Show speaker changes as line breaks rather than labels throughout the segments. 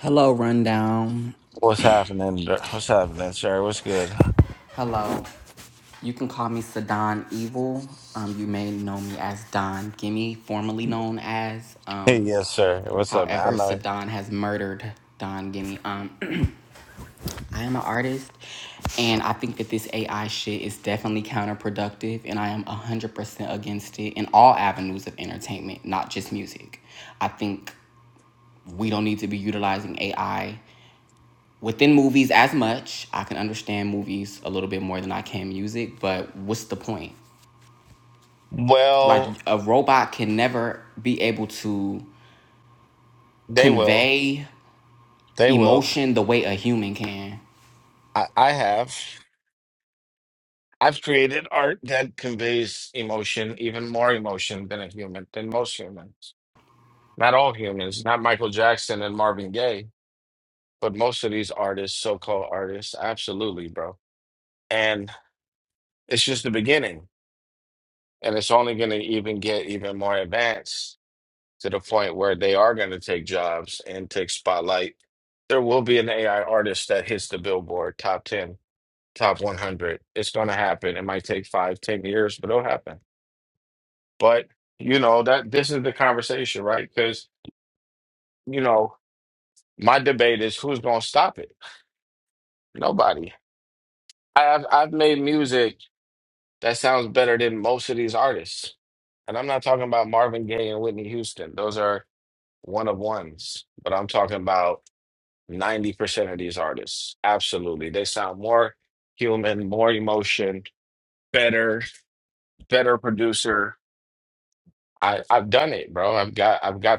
Hello, Rundown. Hello. You can call me Sadan Evil. Um, you may know me as Don Gimme, formerly known as. Um, however, Sadan has murdered Don Gimme. Um, I am an artist, and I think that this AI shit is definitely counterproductive, and I am 100% against it in all avenues of entertainment, not just music. I think we don't need to be utilizing AI within movies as much. I can understand movies a little bit more than I can music, but what's the point? Like a robot can never be able to convey emotion the way a human can.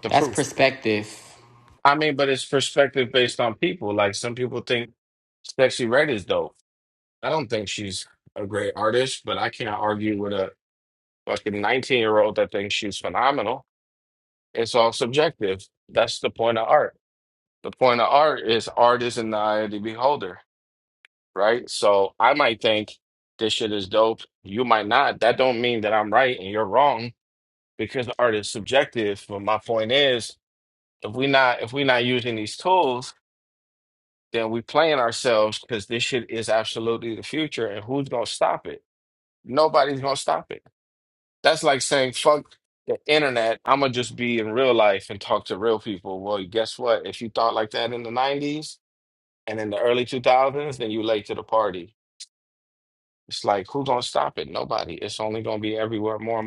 That's perspective.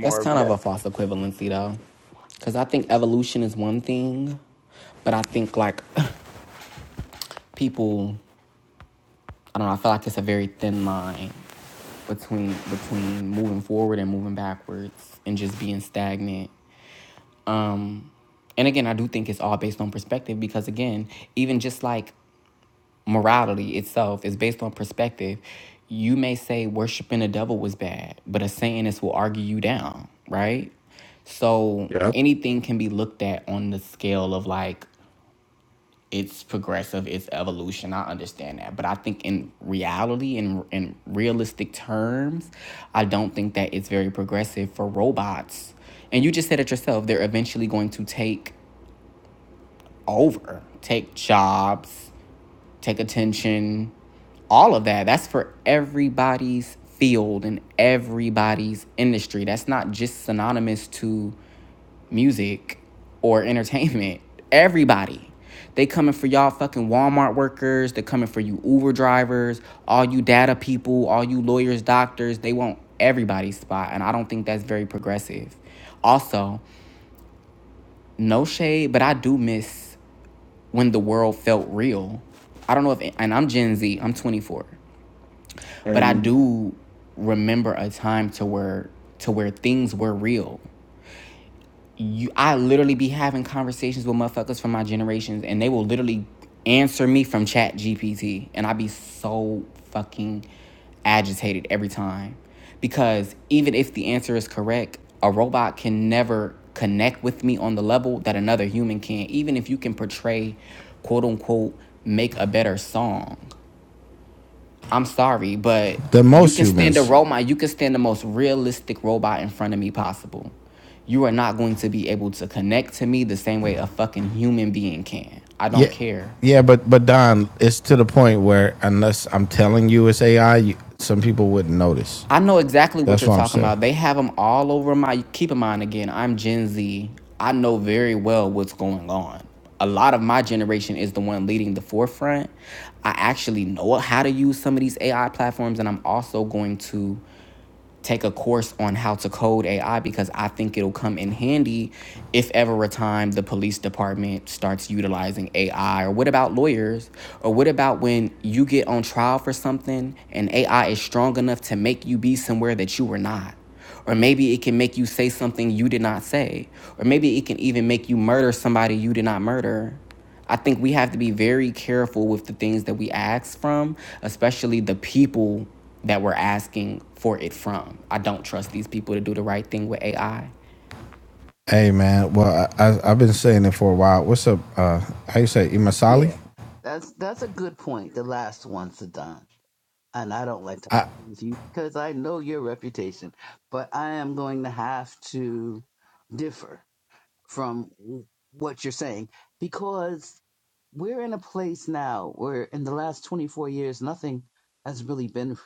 That's kind of a false equivalency though. Cause I think evolution is one thing, but I think like people I don't know, I feel like it's a very thin line between between moving forward and moving backwards and just being stagnant Um, And again, I do think it's all based on perspective because, again, even just like morality itself is based on perspective. You may say worshiping the devil was bad, but a Satanist will argue you down, right? So anything can be looked at on the scale of like it's progressive, it's evolution. I understand that, but I think in reality, in in realistic terms, I don't think that it's very progressive for robots. And you just said it yourself; they're eventually going to take over. Take jobs, take attention, all of that. That's for everybody's field and everybody's industry. That's not just synonymous to music or entertainment. Everybody. They coming for y'all fucking Walmart workers. They coming for you Uber drivers, all you data people, all you lawyers, doctors. They want everybody's spot. And I don't think that's very progressive. Also, no shade, but I do miss when the world felt real. I don't know if, and I'm Gen Z, I'm 24, but I do remember a time to where to where things were real you I literally be having conversations with motherfuckers from my generations and they will literally answer me from chat GPT and I be so fucking agitated every time because even if the answer is correct, a robot can never connect with me on the level that another human can even if you can portray quote unquote make a better song I'm sorry, but you can stand a robot. You can stand the most realistic robot in front of me possible. You are not going to be able to connect to me the same way a fucking human being can. I don't
Yeah,
care.
unless you.
I know exactly what you're talking about. They have them all over my. Keep in mind again, I'm Gen Z. I know very well what's going on. A lot of my generation is the one leading the forefront. I actually know how to use some of these AI platforms, and I'm also going to take a course on how to code AI because I think it'll come in handy if ever a time the police department starts utilizing AI. Or what about lawyers? Or what about when you get on trial for something and AI is strong enough to make you be somewhere that you were not? Or maybe it can make you say something you did not say. Or maybe it can even make you murder somebody you did not murder. I think we have to be very careful with the things that we ask from, especially the people that we're asking for it from. I don't trust these people to do the right thing with AI.
Hey man, well I, I I've been saying it for a while. What's up? Uh, how you say Imasali?
Yeah, that's that's a good point. The last one, Sadan, and I don't like to
I
argue with you because I know your reputation, but I am going to have to differ from what you're saying because we're in a place now where in the last 24 years nothing has really been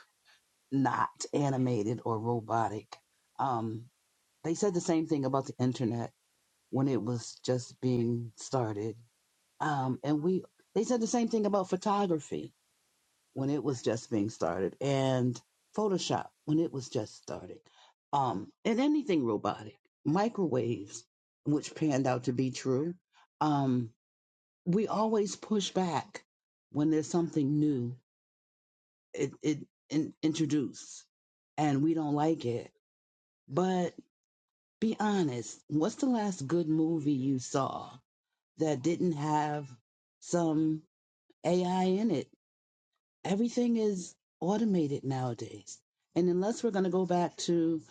not animated or robotic. Um, they said the same thing about the internet when it was just being started um, and we they said the same thing about photography when it was just being started, and Photoshop when it was just started, um, and anything robotic, microwaves, which panned out to be true. Um, we always push back when there's something new it, it in, introduced, and we don't like it. But be honest, what's the last good movie you saw that didn't have some AI in it? Everything is automated nowadays. And unless we're going to go back to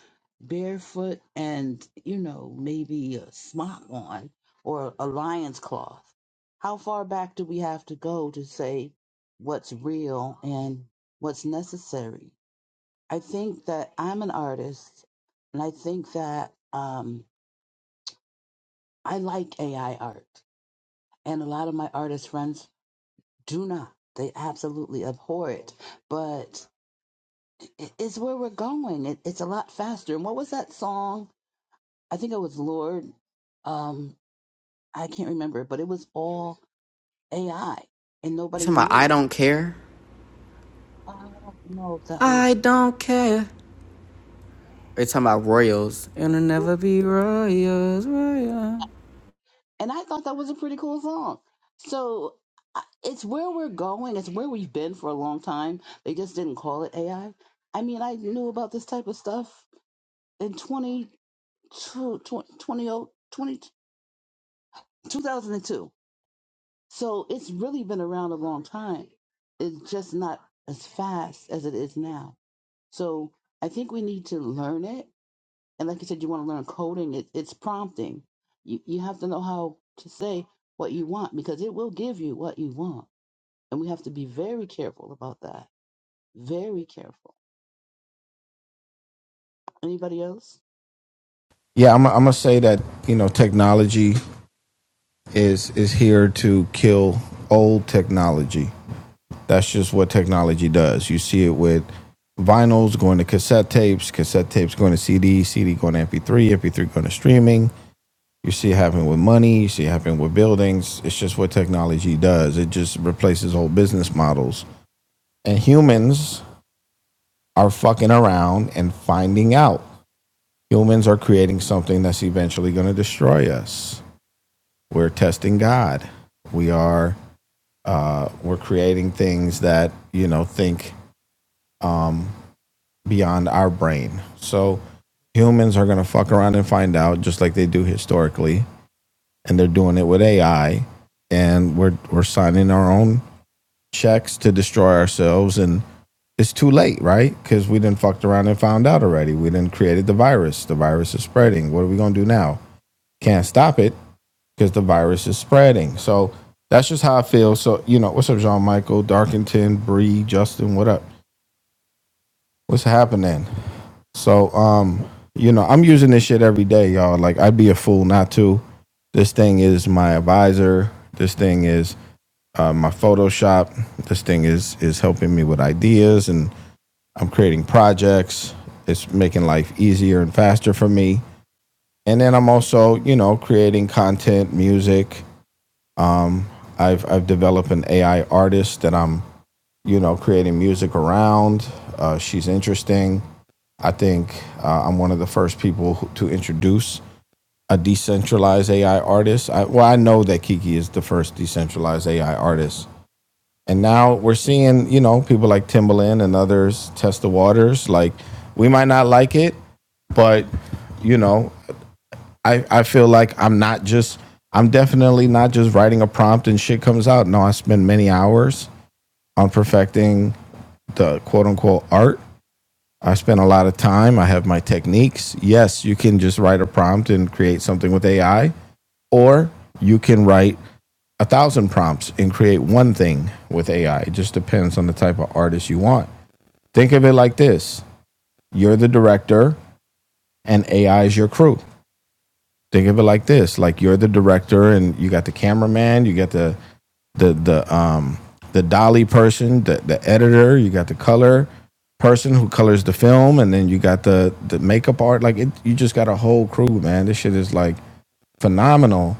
barefoot and, you know, maybe a smock on or a lion's cloth, how far back do we have to go to say what's real and what's necessary? I think that I'm an artist and I think that um, I like AI art. And a lot of my artist friends do not. They absolutely abhor it. But i- is where we're going. It, it's a lot faster. And what was that song? I think it was Lord. Um, I can't remember, but it was all AI and
You
nobody
talking about I
knew.
don't care?
I don't know if that was,
I don't care. Or you talking about royals. It'll never be royals, royals.
and I thought that was a pretty cool song. So I- it's where we're going. It's where we've been for a long time. They just didn't call it AI. I I mean, I knew about this type of stuff in 22, So it's really been around a long time. It's just not as fast as it is now. So I think we need to learn it. And like you said, you want to learn coding. It, it's prompting. You you have to know how to say what you want because it will give you what you want. And we have to be very careful about that. Very careful. Anybody else?
yeah, I'm I'm gonna say that you know technology is is here to kill old technology. That's just what technology does. You see it with vinyls going to cassette tapes, cassette tapes going to CD, CD going to MP3, MP3 going to streaming. You see it happening with money. You see it happening with buildings. It's just what technology does. It just replaces old business models and humans are fucking around and finding out. Humans are creating something that's eventually going to destroy us. We're testing God. We are uh, we're creating things that you know think um, beyond our brain. So humans are going to fuck around and find out, just like they do historically, and they're doing it with AI. And we're we're signing our own checks to destroy ourselves and it's too late, right? Because we didn't fucked around and found out already. We didn't created the virus. The virus is spreading. What are we gonna do now? Can't stop it because the virus is spreading. So that's just how I feel. So you know, what's up, John Michael, Darkington, Bree, Justin? What up? What's happening? So um, you know, I'm using this shit every day, y'all. Like I'd be a fool not to. This thing is my advisor. This thing is uh, my Photoshop. This thing is is helping me with ideas and. I'm creating projects. It's making life easier and faster for me. And then I'm also, you know, creating content, music. Um, I've I've developed an AI artist that I'm, you know, creating music around. Uh, she's interesting. I think uh, I'm one of the first people who, to introduce a decentralized AI artist. I, well, I know that Kiki is the first decentralized AI artist and now we're seeing, you know, people like Timbaland and others test the waters. Like, we might not like it, but, you know, I, I feel like I'm not just, I'm definitely not just writing a prompt and shit comes out. No, I spend many hours on perfecting the quote unquote art. I spend a lot of time. I have my techniques. Yes, you can just write a prompt and create something with AI, or you can write a thousand prompts and create one thing with AI. It just depends on the type of artist you want. Think of it like this you're the director, and AI is your crew. Think of it like this like you're the director, and you got the cameraman, you got the, the, the, um, the dolly person, the, the editor, you got the color person who colors the film, and then you got the, the makeup art. Like, it, you just got a whole crew, man. This shit is like phenomenal,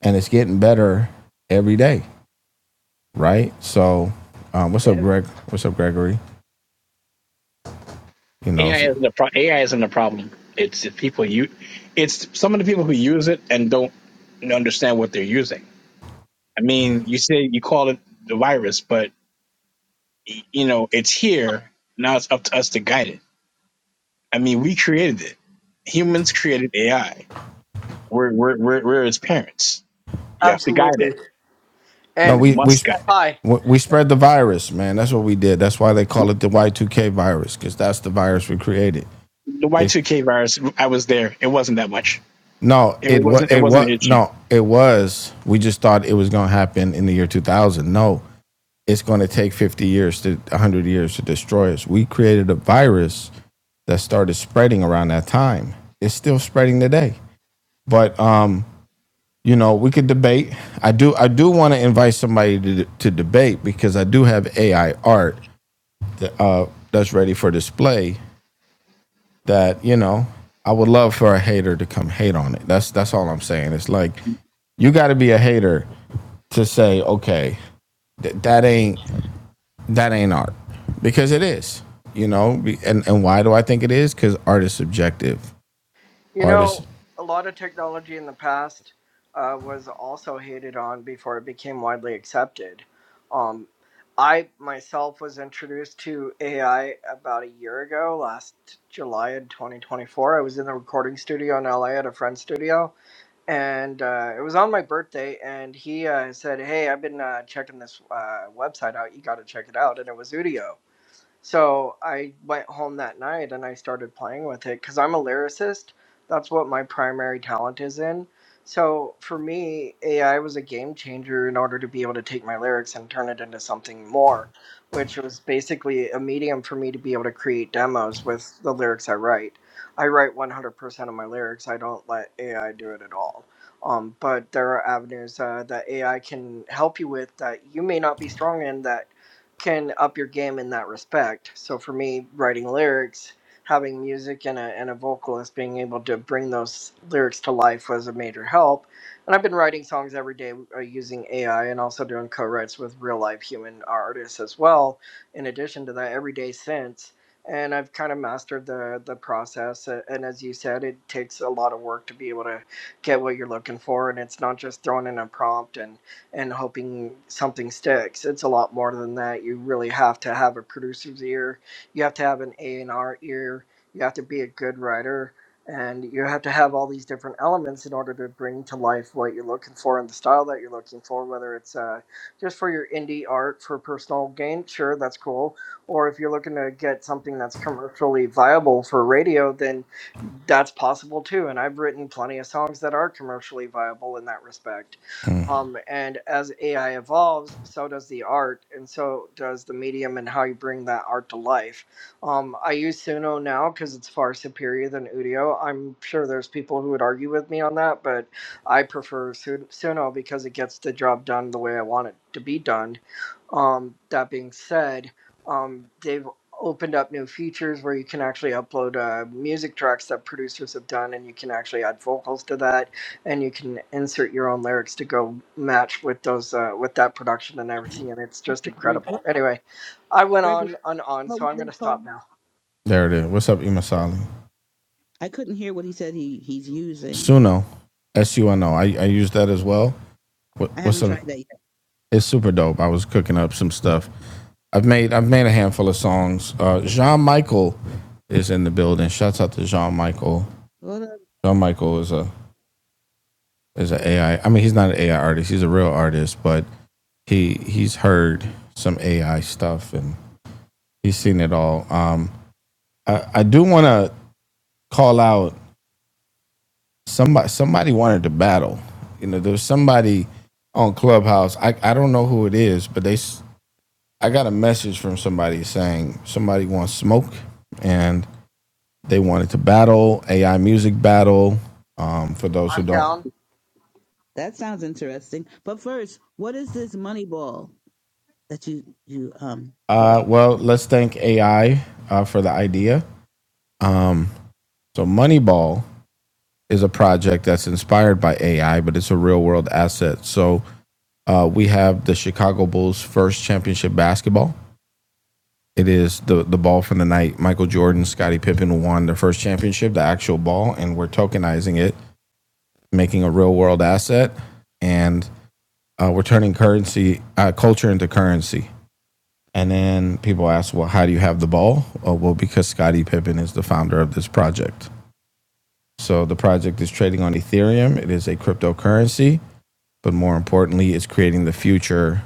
and it's getting better every day. right? So, um, what's up, Greg? What's up, Gregory? You know,
AI
so,
isn't a pro- AI isn't a problem. It's the people you, it's some of the people who use it and don't understand what they're using. I mean, you say you call it the virus, but y- you know it's here now. It's up to us to guide it. I mean, we created it. Humans created AI. We're we're we're, we're its parents. You have to guide it.
Absolutely.
no,
And
You
we we
must
sp-
guide it.
hi,
we spread the virus, man. That's what we did. That's why they call it the Y two K virus, because that's the virus we created.
The Y
They
two K virus. I was there. It wasn't that much.
no,
It
it
wasn't.
what
It
it
wasn't an
what
issue.
no, it was. We just thought it was gonna happen in the year two thousand. No, it's gonna take fifty years to one hundred years to destroy us. We created a virus that started spreading around that time. It's still spreading today, but um, you know, we could debate. I do I do want to invite somebody to, to debate because I do have AI art that, uh, that's ready for display that, you know, I would love for a hater to come hate on it. That's that's all I'm saying. It's like you got to be a hater to say, okay, th- that ain't that ain't art because it is, you know. And and why do I think it is? Because art is subjective.
you
Art is
know, a lot of technology in the past uh, was also hated on before it became widely accepted. Um, I myself was introduced to AI about a year ago, last July in 2024. I was in the recording studio in LA at a friend's studio, and uh, it was on my birthday. And he uh, said, "Hey, I've been uh, checking this uh, website out. You got to check it out." And it was Udio. So I went home that night and I started playing with it because I'm a lyricist. That's what my primary talent is in. So for me, AI was a game changer in order to be able to take my lyrics and turn it into something more, which was basically a medium for me to be able to create demos with the lyrics I write. I write 100% of my lyrics. I don't let AI do it at all. Um, but there are avenues uh, that AI can help you with that you may not be strong in that can up your game in that respect. So for me, writing lyrics, having music and a and a vocalist, being able to bring those lyrics to life was a major help. And I've been writing songs every day uh, using AI and also doing co-writes with real life human artists as well. In addition to that, every day since. And I've kind of mastered the the process. Uh, And as you said, it takes a lot of work to be able to get what you're looking for. And it's not just throwing in a prompt and and hoping something sticks. It's a lot more than that. You really have to have a producer's ear. You have to have an A and R ear. You have to be a good writer, and you have to have all these different elements in order to bring to life what you're looking for and the style that you're looking for. Whether it's uh, just for your indie art for personal gain, sure, that's cool. Or if you're looking to get something that's commercially viable for radio, then that's possible too. And I've written plenty of songs that are commercially viable in that respect
mm,
um, and as AI evolves, so does the art, and so does the medium and how you bring that art to life. Um, I use Suno now because it's far superior than Udio. I'm sure there's people who would argue with me on that, but I prefer Sun- Suno because it gets the job done the way I want it to be done. Um, that being said, um, they've opened up new features where you can actually upload uh, music tracks that producers have done, and you can actually add vocals to that and you can insert your own lyrics to go match with those uh, with that production and everything and it's just
Gregory, what
incredible anyway i went
Gregory?
on and on
What
so
was
i'm
it
going to
called?
stop now
there. It is. What's up, Imasali?
I couldn't hear what he said. He he's using.
Suno, S U N O. I I use that as well. What,
I
what's
haven't
up?
tried that
It's super dope. I was cooking up some stuff. I've made I've made a handful of songs. Uh, Jean Michael is in the building. Shouts out to Jean Michael.
yet.
Jean Michael is a is an AI. I I mean, he's not an AI artist. He's a real artist, but he he's heard some AI stuff and he's seen it all. Um, I, I do want to call out somebody. Somebody wanted to battle. You know, there's somebody on Clubhouse. I I don't know who it is, but they I got a message from somebody saying somebody wants smoke and they wanted to battle AI music battle. Um, for those who
i'm
don't,
down
That sounds interesting. But first, what is this money ball that you you um put
uh,
up?
well, let's thank AI uh, for the idea. Um, so Moneyball is a project that's inspired by AI, but it's a real world asset. So uh, we have the Chicago Bulls' first championship basketball. It is the the ball from the night. Michael Jordan, Scottie Pippen won their first championship, the actual ball, and we're tokenizing it making a real world asset, and uh, we're turning currency uh, culture into currency. And then people ask, well, how do you have the ball? Oh, well, because Scottie Pippen is the founder of this project. So the project is trading on Ethereum. It is a cryptocurrency, but more importantly, it's creating the future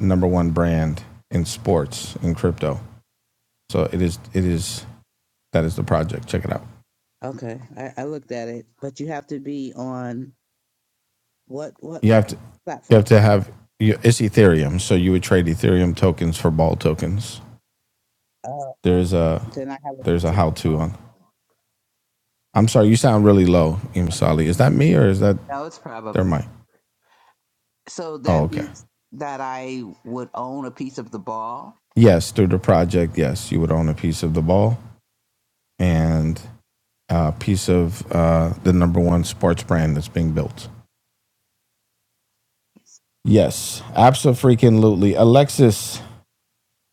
number one brand in sports in crypto. So it is. It is that is the project. Check it out.
Okay, I, I looked at it, but you have to be on what what
You have to. You have
platform?
to have. It's Ethereum, so you would trade Ethereum tokens for ball tokens.
Uh,
There's a
then I have a.
there's a how to on. I'm sorry, you sound really low, Imsali. Is that me or is that
That was probably
their mic?
so.
Oh,
That
okay.
means that I would own a piece of the ball.
Yes, through the project, yes, you would own a piece of the ball and a piece of uh, the number one sports brand that's being built. Yes, absolutely. Alexis,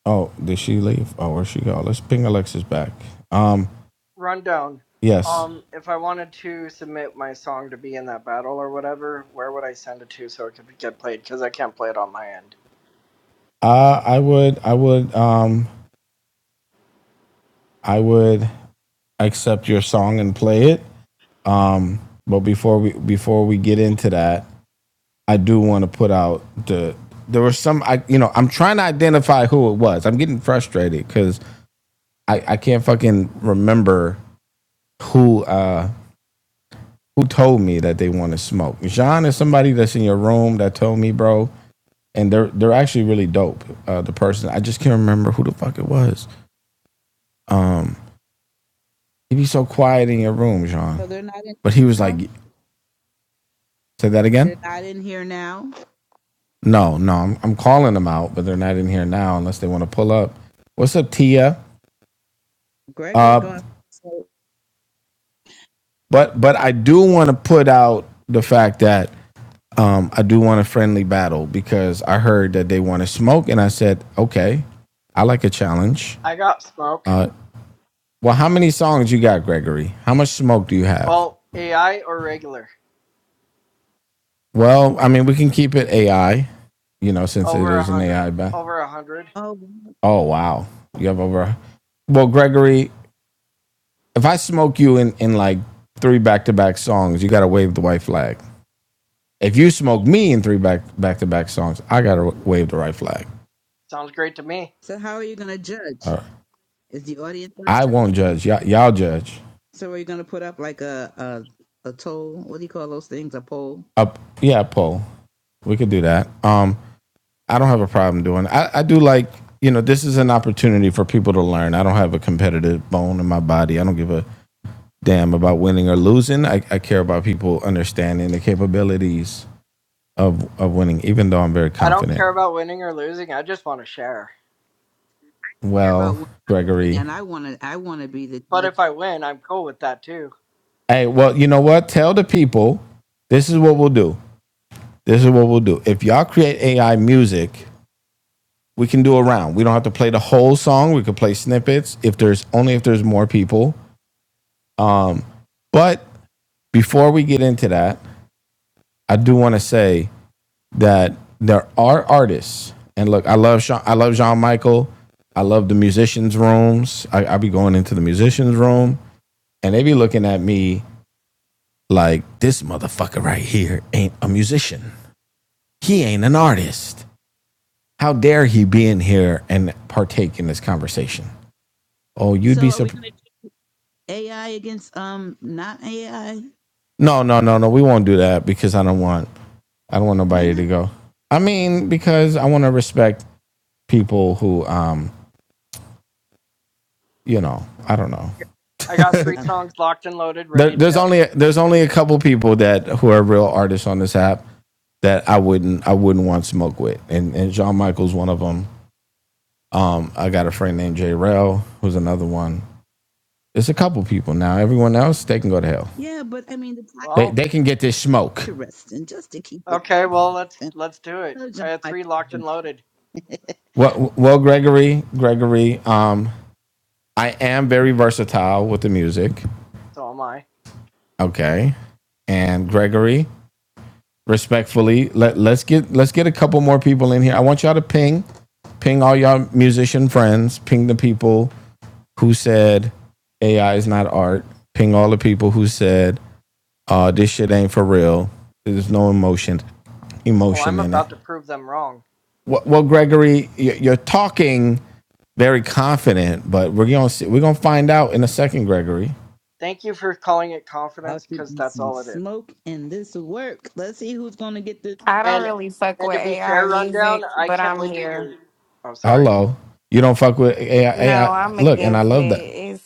oh, did she leave? Oh, where'd she go? Let's ping Alexis back. Um,
run down
yes,
um if i wanted to submit my song to be in that battle or whatever where would i send it to so it could get played because i can't play it on my end
uh, I would, I would, um, I would accept your song and play it. Um, but before we before we get into that, I do want to put out the there was some I you know I'm trying to identify who it was. I'm getting frustrated because I I can't fucking remember who uh who told me that they want to smoke. Jean is somebody that's in your room that told me, bro, and they're they're actually really dope. Uh, the person I just can't remember who the fuck it was. Um, he'd be so quiet in your room, Jean.
So they're not
But he was
in.
like, say that again.
They're not in here now.
No, no, I'm, I'm calling them out, but they're not in here now unless they want to pull up. What's up, Tia?
Gregory
Uh,
going. So,
but but I do want to put out the fact that um, I do want a friendly battle because I heard that they want to smoke, and I said, okay, I like a challenge.
i got smoke
Uh, well, how many songs you got, Gregory? How much smoke do you have?
well ai or regular
Well, I mean, we can keep it AI, you know, since it
over a
is an
hundred
AI. Ba-
over a hundred
oh,
oh wow, you have over. Well, Gregory, if I smoke you in, in like three back to back songs, you gotta wave the white flag. If you smoke me in three back back to back songs, I gotta wave the right flag.
sounds great to me
so how are you going to judge?
All right.
Is the audience going to judge?
I won't judge. Y'all, y'all judge.
So are you going to put up like a a a toll? What do you call those things? A poll?
Up, yeah, poll. We could do that. Um, I don't have a problem doing. It. I I do like you know this is an opportunity for people to learn. I don't have a competitive bone in my body. I don't give a damn about winning or losing. I, I care about people understanding the capabilities of of winning, even though I'm very
i don't
confident.
care about winning or losing i just want to share
Care about
Well,
one thing,
Gregory,
and I want to I want to be the
but
judge.
if i win i'm cool with that too
Hey, well, you know what? Tell the people this is what we'll do. This is what we'll do. If y'all create AI music, we can do a round. We don't have to play the whole song. We could play snippets if there's only if there's more people. But before we get into that, I do want to say that there are artists. And look, I love Sean, I love Jean Michael. I love the musicians' rooms. I, I be going into the musicians' room and they be looking at me like this motherfucker right here ain't a musician. He ain't an artist. How dare he be in here and partake in this conversation? Oh, you'd
So
be
are we
surprised.
going to AI against um not AI?
No, no, no, no. We won't do that because I don't want, I don't want
Why
nobody to
not?
go. I mean, because I want to respect people who, um, you know, I don't know.
I got three
Um,
songs locked and loaded,
There,
ready to
there's
go.
only there's only a couple people that who are real artists on this app that I wouldn't I wouldn't want smoke with, and and John Michael's one of them. Um, I got a friend named J. Rell, who's another one. It's a couple people now. Everyone else, they can go to hell.
yeah, but I mean the time
They
Well,
they can get this smoke.
interesting just to keep it
okay, well let's
interesting.
let's do it.
So,
I
John,
had
I
three locked and loaded.
Well, well, Gregory, Gregory, um, I am very versatile with the music.
So am I.
Okay, and Gregory, respectfully, let let's get let's get a couple more people in here. I want y'all to ping, ping all y'all musician friends, ping the people who said AI is not art, ping all the people who said uh, this shit ain't for real. There's no emotion,
Well,
emotion
I'm
in it.
about to prove them wrong.
Well, well, Gregory, you're talking very confident, but we're gonna see, we're gonna find out in a second, Gregory.
Thank you for calling it
about
confidence,
to
because
be
that's
some
all it is.
smoke in this work. Let's see who's going to get the.
I don't
And
really fuck
and
with
to be
AI
fair, rundown,
music,
I
but
can't
I'm
wait to
here.
hear. Oh, sorry.
Hello, you don't fuck with AI.
No,
AI.
I'm
Look, and I
against it.
love that.
It's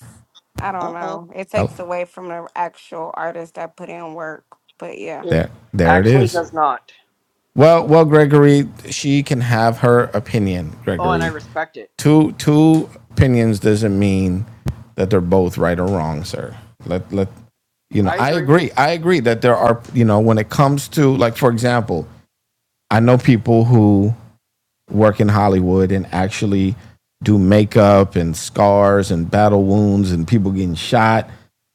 I don't
Uh oh.
know. It
Hello,
takes away from the actual artist that put in work. But yeah.
It
there, there it
actually
is.
does not.
Well, well, Gregory, she can have her opinion.
Oh, and I
Gregory,
respect it.
two two opinions doesn't mean that they're both right or wrong, sir. Let let you know
I
i
agree.
agree i agree that there are you know when it comes to like for example i know people who work in Hollywood and actually do makeup and scars and battle wounds and people getting shot.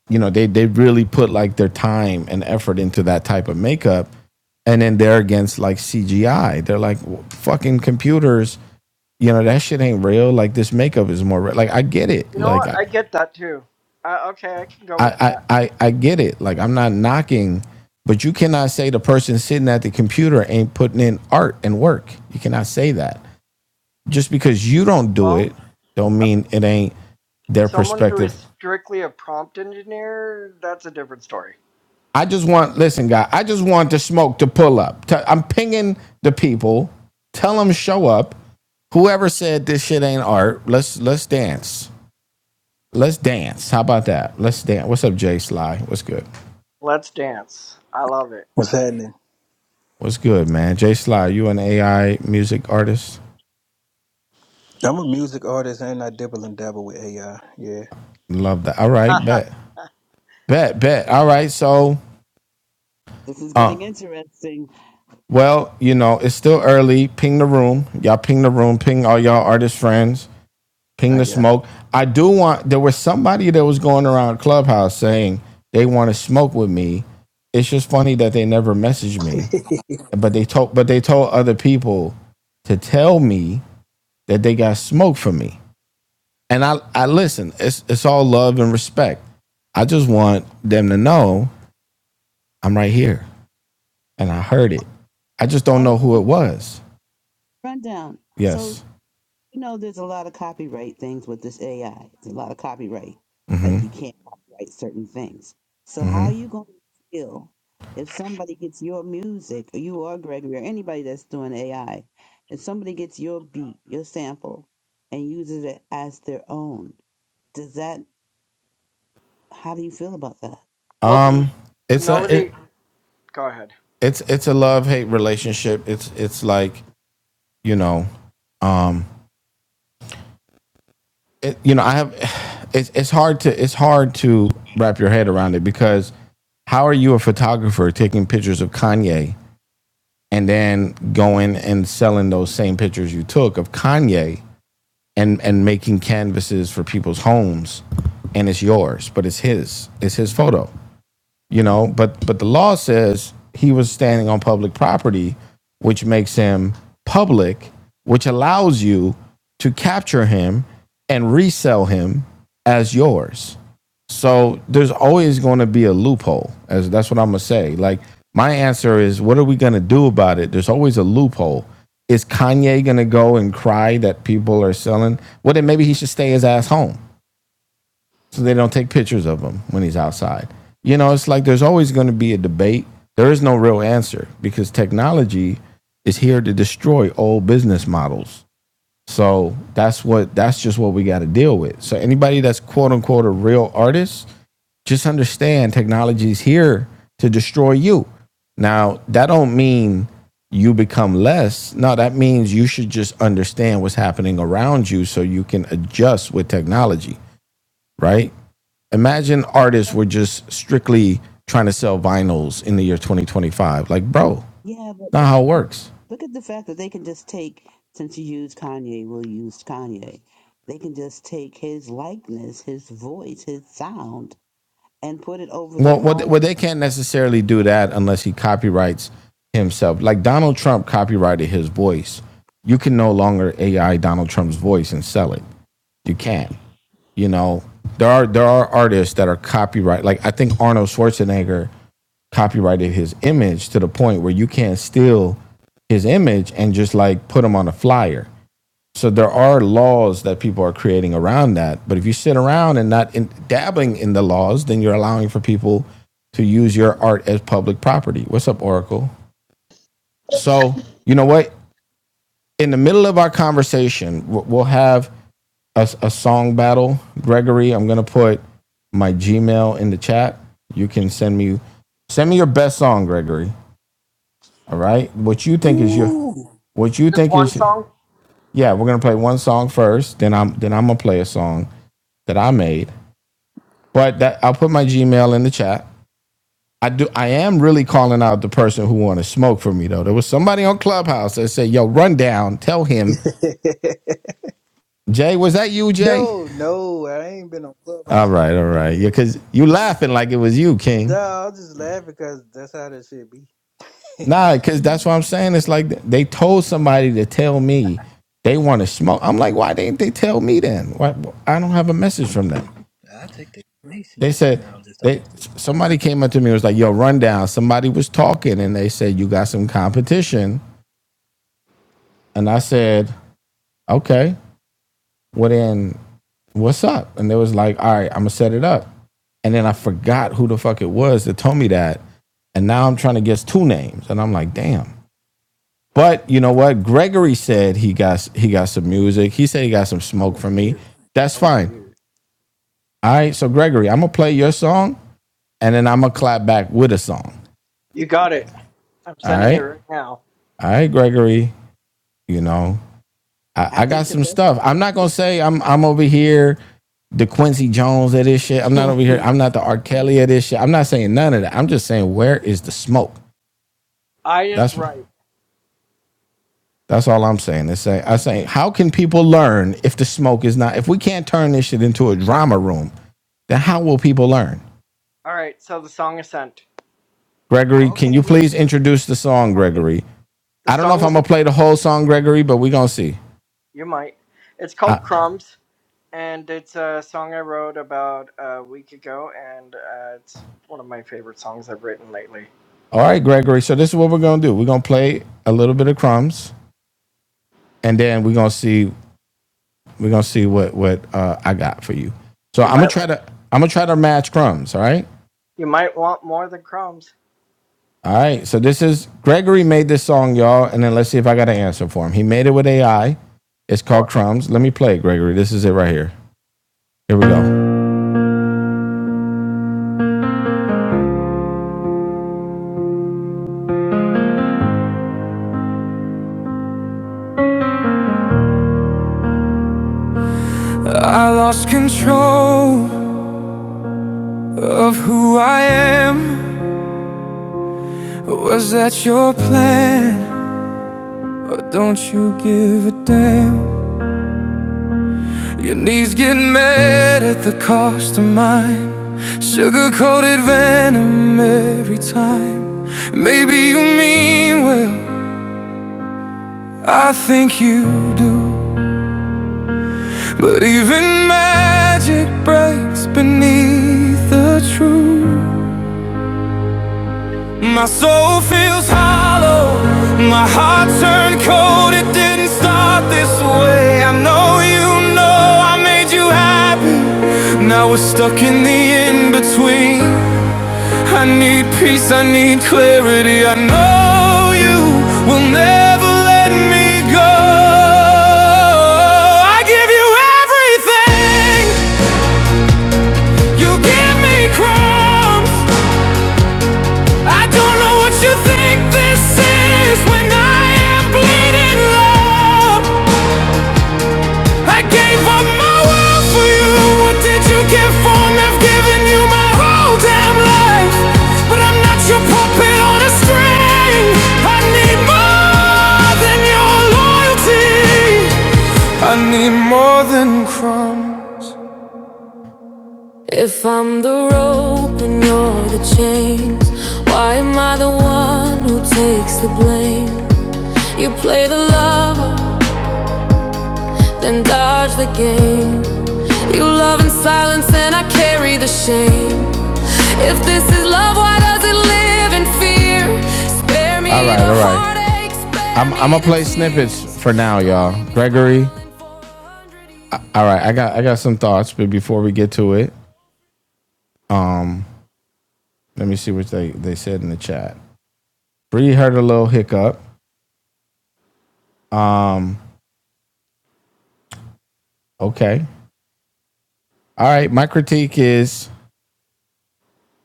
You know, they they really put like their time and effort into that type of makeup, and then they're against like CGI. They're like "Well, fucking computers. You know that shit ain't real. Like this makeup is more real. like I get it.
You know
Like
what? I get that too. Uh, okay, I can go
I
with
I
that.
I- I get it. Like I'm not knocking, but you cannot say the person sitting at the computer ain't putting in art and work. You cannot say that just because you don't do
Well,
it, don't mean it ain't their
someone who is
perspective.
strictly a prompt engineer, that's a different story.
I just want, listen, guy, I just want the smoke to pull up. i am pinging the people. Tell them show up. Whoever said this shit ain't art, let's let's dance. Let's dance. How about that? Let's dance. What's up, Jay Sly? What's good?
Let's dance. I love it.
What's happening?
What's good, man? Jay Sly, you an AI music artist?
I'm a music artist and I dibble and dabble with AI. Yeah,
Love that. All right, bet. Bet, bet. All right, so
This is
uh
getting interesting.
Well, you know, it's still early. Ping the room. Y'all ping the room. Ping all y'all artist friends. Ping
I
the
got.
smoke. I do want, there was somebody that was going around Clubhouse saying they want to smoke with me. It's just funny that they never messaged me,
it.
but they told, but they told other people to tell me that they got smoke for me. And I, I listen, it's, it's all love and respect. I just want them to know I'm right here and I heard it. I just don't
All right,
know who it
run,
was.
run down. So,
Yes.
you know, there's a lot of copyright things with this AI. There's a lot of copyright.
Mm-hmm.
Like, you can't copyright certain things. So, how are
mm
you going to feel if somebody gets your music, or you or Gregory, or anybody that's doing AI, if somebody gets your beat, your sample, and uses it as their own? Does that, how do you feel about that?
well, the,
Um,
the
it's a it,
melody. Go ahead.
it's it's a love hate relationship. It's it's like you know, um, it, you know, I have it's it's hard to it's hard to wrap your head around it because how are you a photographer taking pictures of Kanye and then going and selling those same pictures you took of Kanye and and making canvases for people's homes and it's yours, but it's his, it's his photo. you know but but the law says he was standing on public property which makes him public which allows you to capture him and resell him as yours so there's always going to be a loophole as that's what i'm going to say like my answer is what are we going to do about it there's always a loophole is kanye going to go and cry that people are selling well then maybe he should stay his ass home so they don't take pictures of him when he's outside. You know, it's like there's always going to be a debate. There is no real answer because technology is here to destroy old business models. So that's what that's just what we got to deal with. So anybody that's quote unquote a real artist, just understand technology is here to destroy you. Now, that don't mean you become less. No, that means you should just understand what's happening around you so you can adjust with technology, right? Imagine artists were just strictly trying to sell vinyls in the year 2025. Like, bro,
Yeah, but.
not how it works.
Look at the fact that they can just take, since you use Kanye, we'll use Kanye. They can just take his likeness, his voice, his sound, and put it over
Well,
their
what, well,
own.
they can't necessarily do that unless he copyrights himself. Like Donald Trump copyrighted his voice. You can no longer AI Donald Trump's voice and sell it. You can't. You know, there are there are artists that are copyright. Like I think Arnold Schwarzenegger copyrighted his image to the point where you can't steal his image and just like put him on a flyer. So there are laws that people are creating around that. But if you sit around and not in, dabbling in the laws, then you're allowing for people to use your art as public property. What's up, Oracle? So you know what? In the middle of our conversation, we'll have a, a song battle. Gregory, I'm gonna put my Gmail in the chat. You can send me send me your best song, Gregory. All right, what you think is your
Ooh.
what you
Just
think
one
is
song?
Yeah, we're gonna play one song first. Then I'm then I'm gonna play a song that I made. But that I'll put my Gmail in the chat. I do. I am really calling out the person who wanted to smoke for me though. There was somebody on Clubhouse that said, "Yo, run down. Tell him, Jay, was that you, Jay?"
no, no, I ain't been on
All
Clubhouse
right,
in
all right. Yeah,
years.
cause you laughing like it was you,
No,
King.
I'm just laughing because that's how that shit be.
Nah, cause that's what I'm saying. It's like they told somebody to tell me they want to smoke. I'm like, why didn't they tell me then? Why I don't have a message from them.
I take the place
They
now.
said
No, I'm just
they
talking.
somebody came up to me and was like, "Yo, rundown." Somebody was talking and they said, "You got some competition," and I said, "Okay, well then, what's up?" And they was like, "All right, I'm gonna set it up." And then I forgot who the fuck it was that told me that, and now I'm trying to guess two names, and I'm like, "Damn." But you know what? Gregory said he got he got some music. He said he got some
I
smoke
want to
from me.
hear it.
That's
I want to
fine.
hear
All right. So Gregory, I'm gonna play your song, and then I'm gonna clap back with a song.
You got
it.
it. I'm
All
sending it
right.
right now.
All right, Gregory. You know, I,
I
I got
think the
some
best.
stuff. I'm not gonna say I'm I'm over here the Quincy Jones of this shit. I'm not over here. I'm not the R. Kelly of this shit. I'm not saying none of that. I'm just saying where is the smoke?
I is
That's
right.
that's all I'm saying. It's saying I saying how can people learn if the smoke is not if we can't turn this shit into a drama room? Then how will people learn?
All right, so the song is sent.
Gregory, can
Okay,
you
let's
please
get
introduce the song,
it.
Gregory?
The
I don't know if
song
I'm
is.
gonna play the whole song, Gregory, but we're gonna see.
You might. It's
I,
called Crumbs, and it's a song I wrote about a week ago, and uh, it's one of my favorite songs I've written lately.
all right, Gregory. So this is what we're gonna do. We're gonna play a little bit of crumbs. and then we're gonna see we're gonna see what what uh, I got for you. So
You
I'm gonna
might.
try to I'm gonna try to match crumbs. All right,
You might want more than crumbs.
all right. So this is Gregory made this song, y'all, and then let's see if I got an answer for him. He made it with AI. It's
Oh,
called Crumbs. Let me play, it, Gregory. This is it right here. Here we go. I lost control of who I am. Was that your plan? Or don't you give a damn? Your knees get mad at the cost of mine. Sugar coated venom every time. Maybe you mean well, I think you do. But even magic breaks beneath the truth. My soul feels hollow, my heart turned cold. It didn't start this way. I know you know I made you happy. Now we're stuck in the in between. I need peace, I need clarity. I know you will never let me go. I give you everything, you give me crumbs. I don't know what you think this is when I am bleeding love. I gave up my world for you. What did you get for me? I've given you my whole damn life. But I'm not your puppet on a string. I need more than your loyalty. I need more than crumbs. If I'm the rope and you're the chains, why am I the one who takes the blame? You play the lover, then dodge the game. You love in silence and I carry the shame. If this is love, why does it live in fear? Spare me All right, all right. I'm I'm gonna play snippets for now, y'all. Gregory. All right, I got I got some thoughts, but before we get to it, um, let me see what they they said in the chat. Bree heard a little hiccup. Um, okay. All right. My critique is,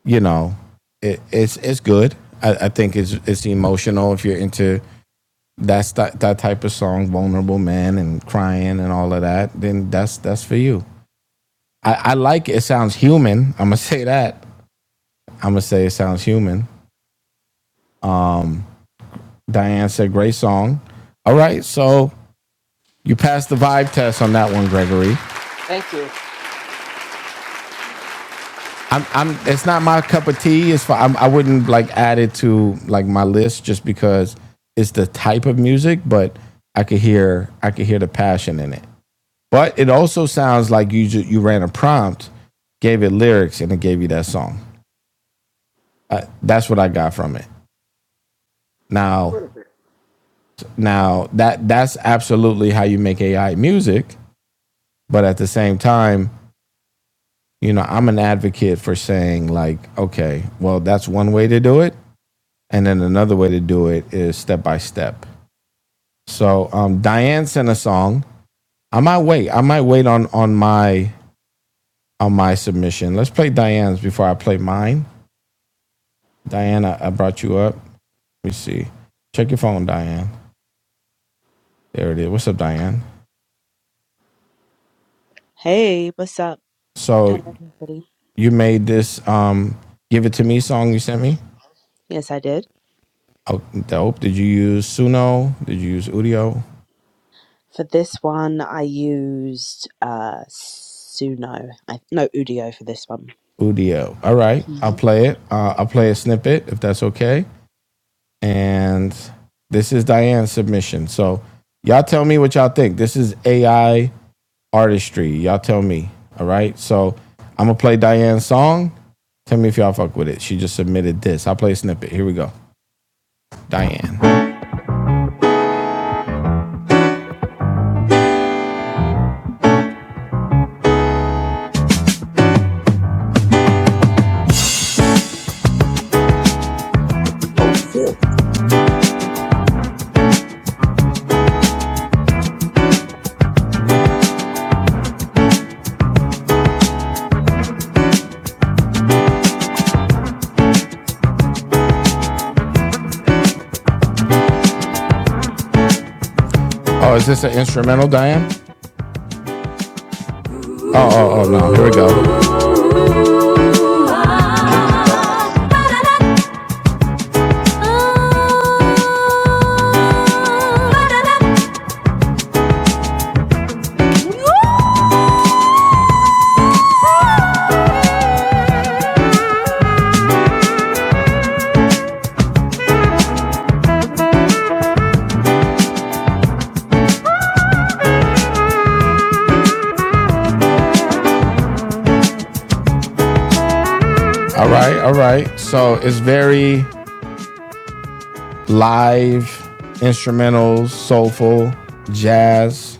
you know, it, it's it's good. I, I think it's it's emotional if you're into that's that, that type of song, vulnerable man and crying and all of that, then that's that's for you. I, I like it. it sounds human. I'm gonna say that. I'm gonna say it sounds human. Diane said great song. All right, so you passed the vibe test on that one, Gregory.
thank you.
I'm, I'm. It's not my cup of tea. It's for, I'm, I wouldn't like add it to like my list just because it's the type of music, but I could hear I could hear the passion in it. But it also sounds like you ju- you ran a prompt, gave it lyrics, and it gave you that song. Uh, that's what I got from it. Now, now that that's absolutely how you make AI music. But at the same time, you know, I'm an advocate for saying like, okay, well, that's one way to do it, and then another way to do it is step by step. So um, Diane sent a song. I might wait. I might wait on on my on my submission. Let's play Diane's before I play mine Diana, I brought you up. Let me see. Check your phone, Diane. There it is. What's up, Diane?
Hey, what's up?
So
Hello, everybody.
you made this um, "Give It to Me" song you sent me.
Yes, I did.
Oh, dope. Did you use Suno? Did you use Udio?
For this one, I used uh, Suno. I, no, Udio for this one.
Udio. All right. I'll
hmm
play it. Uh, I'll play a snippet if that's okay. And this is Diane's submission. So y'all tell me what y'all think. This is AI artistry. Y'all tell me. All right. So I'm gonna play Diane's song. Tell me if y'all fuck with it. She just submitted this. I'll play a snippet. Here we go. Diane.
oh shit,
Oh, is this an instrumental, Diane? Oh, oh, oh no. Here we go.
Kendrick vibes.
All right, all right. So it's very live, instrumentals, soulful, jazz.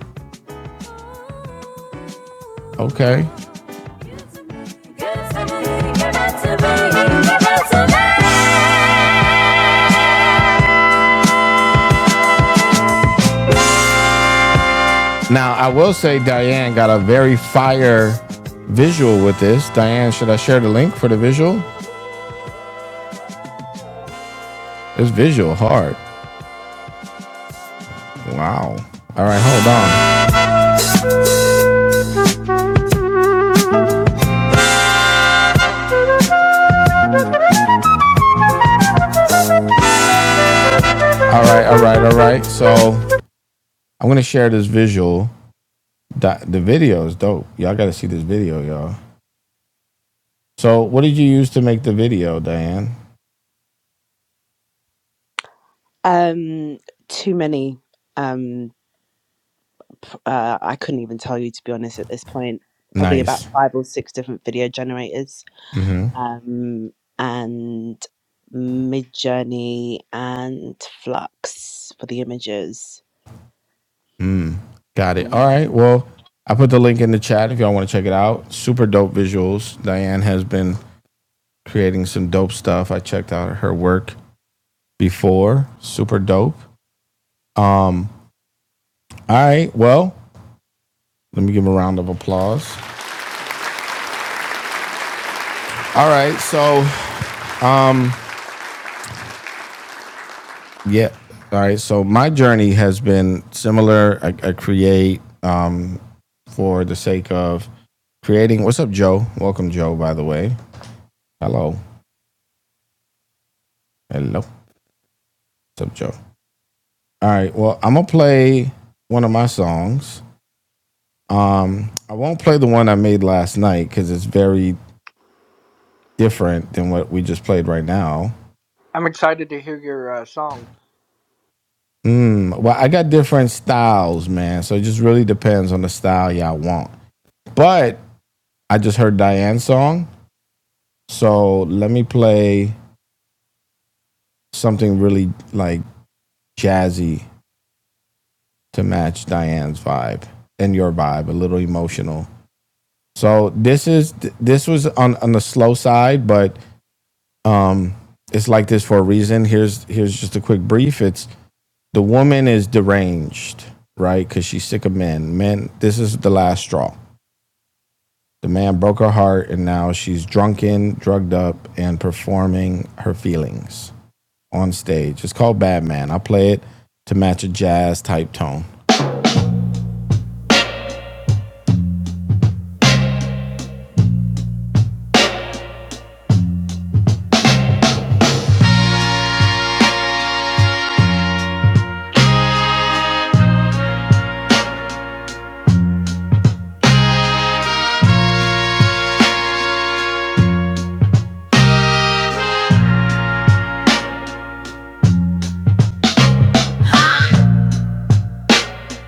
Okay. Now, I will say Diane got a very fire visual with this. Diane, should I share the link for the visual? It's visual hard. Wow. All right, hold on. All right, all right, all right. So I'm going to share this visual. The video is dope. Y'all got to see this video, y'all. So, what did you use to make the video, Diane?
Um, too many. Um, p- uh, I couldn't even tell you to be honest at this point. Probably about
Nice.
five or six different video generators.
Mm-hmm.
Um, and Midjourney and Flux for the images.
Got it. All right. Well, I put the link in the chat if y'all want to check it out. Super dope visuals. Diane has been creating some dope stuff. I checked out her work before. Super dope. Um, all right. Well, let me give a round of applause. All right. So, um, yeah. All right. So my journey has been similar. I, I create um, for the sake of creating. What's up, Joe? Welcome, Joe. By the way, hello, hello. What's up, Joe? All right. Well, I'm gonna play one of my songs. Um, I won't play the one I made last night because it's very different than what we just played right now.
I'm excited to hear your uh, song.
Mm, well, I got different styles, man. So it just really depends on the style y'all want. But I just heard Diane's song, so let me play something really like jazzy to match Diane's vibe and your vibe, a little emotional. So this is this was on on the slow side, but um, it's like this for a reason. Here's here's just a quick brief. It's the woman is deranged, right? Because she's sick of men. Men, this is the last straw. The man broke her heart, and now she's drunken, drugged up, and performing her feelings on stage. It's called Bad Man. I play it to match a jazz type tone.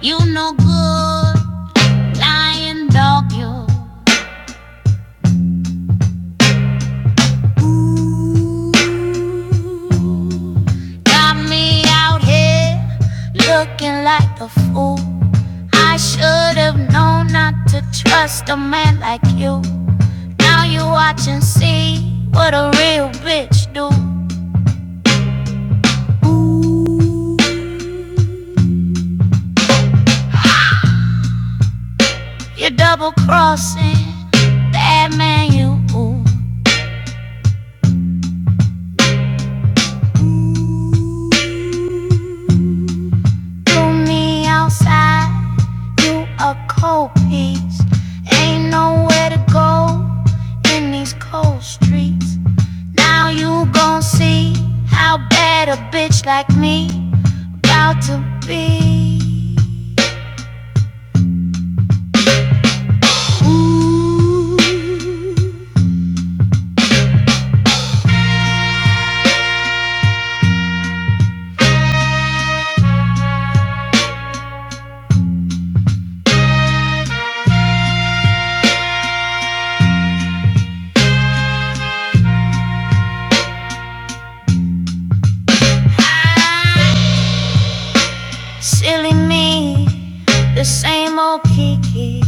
You no good, lying dog. You got me out here looking like a fool. I should have known not to trust a man like you. Now you watch and see what a real bitch do. You're double crossing that man you threw me outside. You a cold piece. Ain't nowhere to go in these cold streets. Now you gon' see how bad a bitch like me about to be. Ooh. Silly me, the same old Kiki.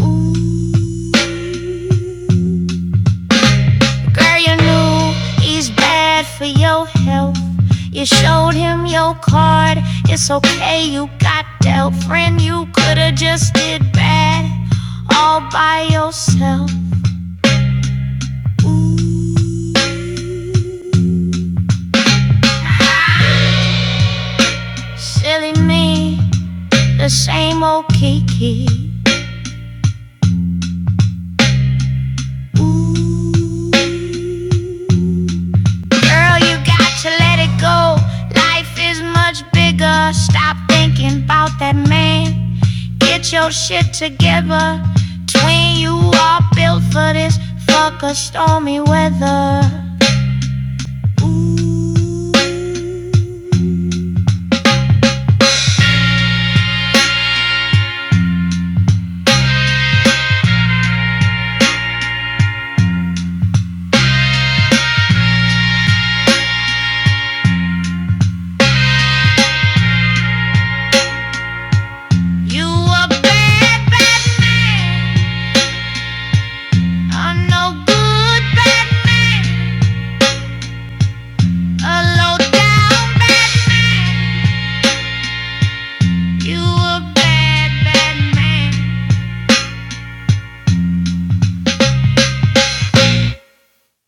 Ooh. Girl, you knew he's bad for your health. You showed him your card. It's okay, you got dealt. Friend, you could've just did bad all by yourself. Ooh. Silly me, the same old Kiki. Ooh. Girl, you got to let it go. Life is much bigger. Stop thinking about that man. Get your shit together. Twin, you are built for this. Fuck a stormy weather. no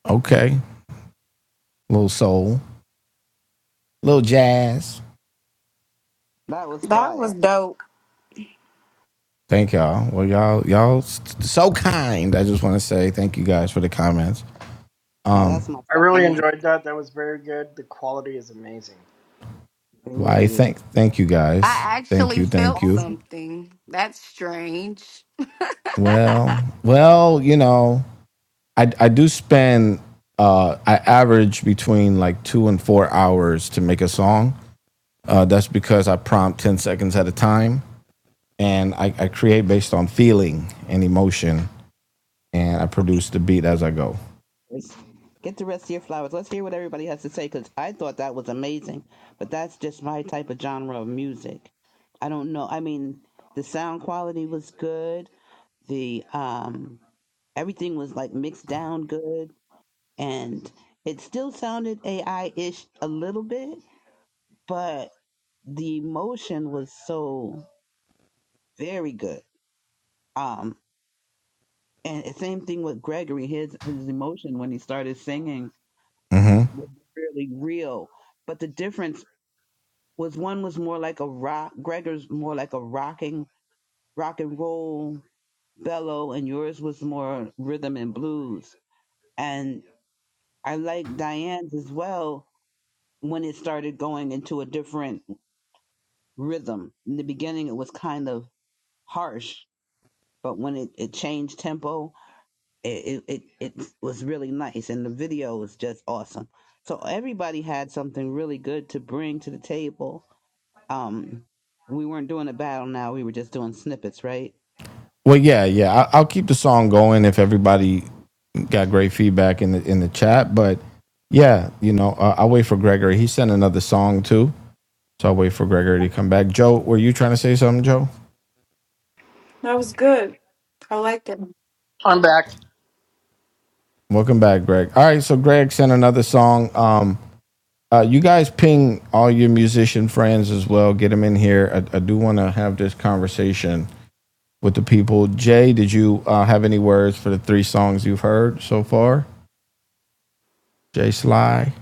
Okay. little soul, little jazz.
That was
That was
fire.
dope.
Thank y'all. Well, y'all, y'all so kind. I just want to say thank you guys for the comments.
Now
Um,
that's my
I
style of
really
music.
enjoyed that. That was very good. The quality is amazing.
It
why
really is.
thank thank you guys.
I
Thank
actually
you, thank
felt
you.
something. That's strange.
Well, well, you know, I I do spend uh I average between like two and four hours to make a song. Uh, that's because I prompt ten seconds at a time, and I, I create based on feeling and emotion, and I
Okay,
produce the beat as I go.
let's get the rest of your flowers. Let's hear what everybody has to say because I thought that was amazing. But that's just my type of genre of music. I don't know. I mean, the sound quality was good the um everything was like mixed down good and it still sounded AI-ish a little bit, but the emotion was so very good. Um and the same thing with Gregory, his his emotion when he started singing
hmm
was really real. But the difference was one was more like a rock Gregor's more like a rocking rock and roll bellow and yours was more rhythm and blues and. I like Diane's as well when it started going into a different rhythm. In the beginning, it was kind of harsh, but when it, it changed tempo, it, it, it, it was really nice. And the video was just awesome. So everybody had something really good to bring to the table. Um, we weren't doing a battle now, we were just doing snippets, right?
Well, yeah, yeah. I, I'll keep the song going if everybody got great feedback in the in the chat. But yeah, you know, uh, I'll wait for Gregory. He sent another song too, so I'll wait for Gregory to come back. Joe, were you trying to say something, Joe?
That was good. I liked it.
I'm back.
Welcome back, Greg. All right, so Greg sent another song. Um, uh, you guys ping all your musician friends as well. Get them in here. I, I do want to have this conversation with the people. Jay, did you uh, have any words for the three songs you've heard so far? Jay Sly.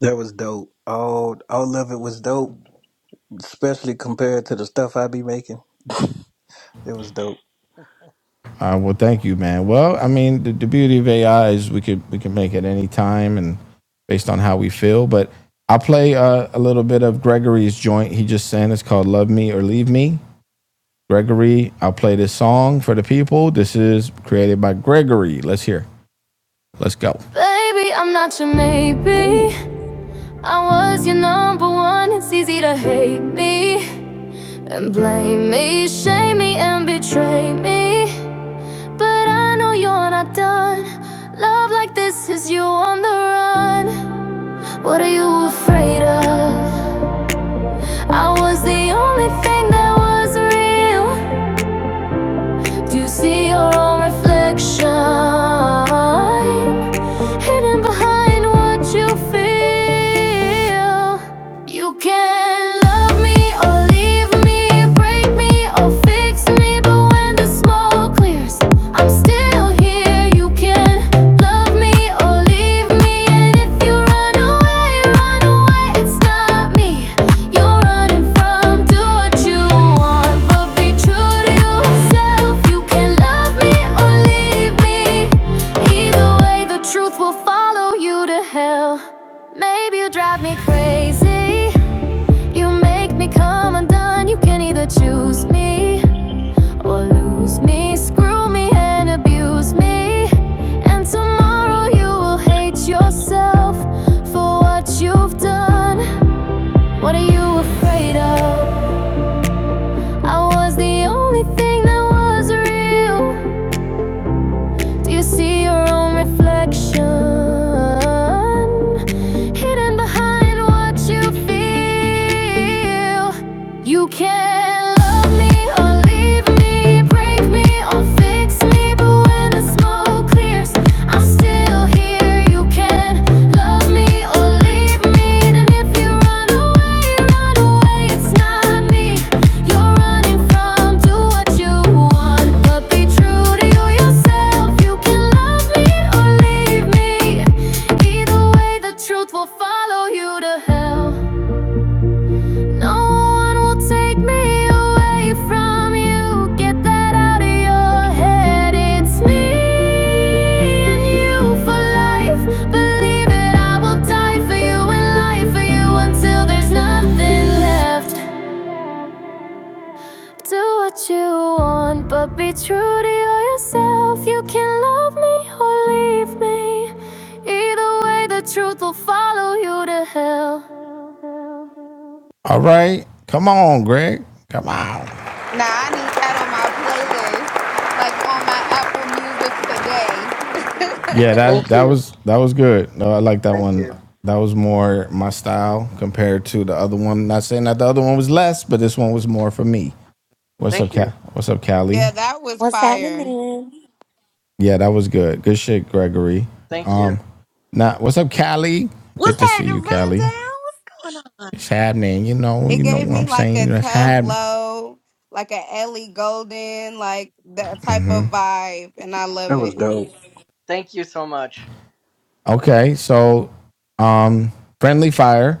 That was dope. All all of it was dope, especially compared to the stuff I be making. It was dope.
Uh, well, thank you, man. Well, I mean, the, the beauty of AI is we could we can make it any time and based on how we feel. But I'll play uh, a little bit of Gregory's joint. He just sang. It's called "Love Me or Leave Me." Gregory, I'll play this song for the people. This is created by Gregory. Let's hear. Let's go. Baby, I'm not your maybe.
Ooh,
I was your number one. It's easy to hate me and blame me, shame me and betray me. But I know you're not done. Love like this is you on the run. What are you afraid of? I was the only thing that was real. Do you see your own reflection? Hidden behind what you feel. You can love me or leave me, break me or fix me, but when the smoke clears, I'm still here. You can love me or leave me, and if you run away, run away, it's not me. You're running from, do what you want, but be true to yourself. You can love me or leave me. Either way, the truth will follow you to hell. Maybe you drive me crazy. You make me come undone. You can either choose me or lose me. Screw me and abuse me. And tomorrow you will hate yourself for what you've done. What are you afraid of? I was the only thing that was real. Do you see your own reflection? Hidden behind what you feel. You can love me or leave me, break me or fix me, but when the smoke clears, I'm still here. You can love me or leave me, and if you run away, run away, it's not me. You're running from, do what you want, but be true to you yourself. You can love me or leave me. Either way, the truth will follow you to hell. No one will take me away from you. Get that out of your head. It's me and you for life. Believe it, I will die for you and lie for you until there's nothing left. Do what you want, but be true to yourself. You can love me or leave me. Either way, the truth will follow you to hell. All right. Come on, Greg. Come on.
Now I need that on my playlist. Like on my Apple Music today.
Yeah, that
Thank
that
you.
was that was good. No, I like that
Thank
one.
you.
That was more my style compared to the other one. Not saying that the other one was less, but this one was more for me. What's up,
Thank
Cal?
you.
What's up, Callie?
yeah, that was
What's happening
fire.
then?
Yeah, that was good. Good shit, Gregory.
Thank you.
Um, now what's up, Callie? Good
What's
to see
happening,
you, Callie.
Rundown?
It's happening. You know,
It
you know
gave
what
me
I'm
like a
saying. It's happening.
Tuvlo, like a Ellie Golden, like that type of vibe, and I love
that was
it.
dope.
Thank you so much.
Okay, so um, friendly fire.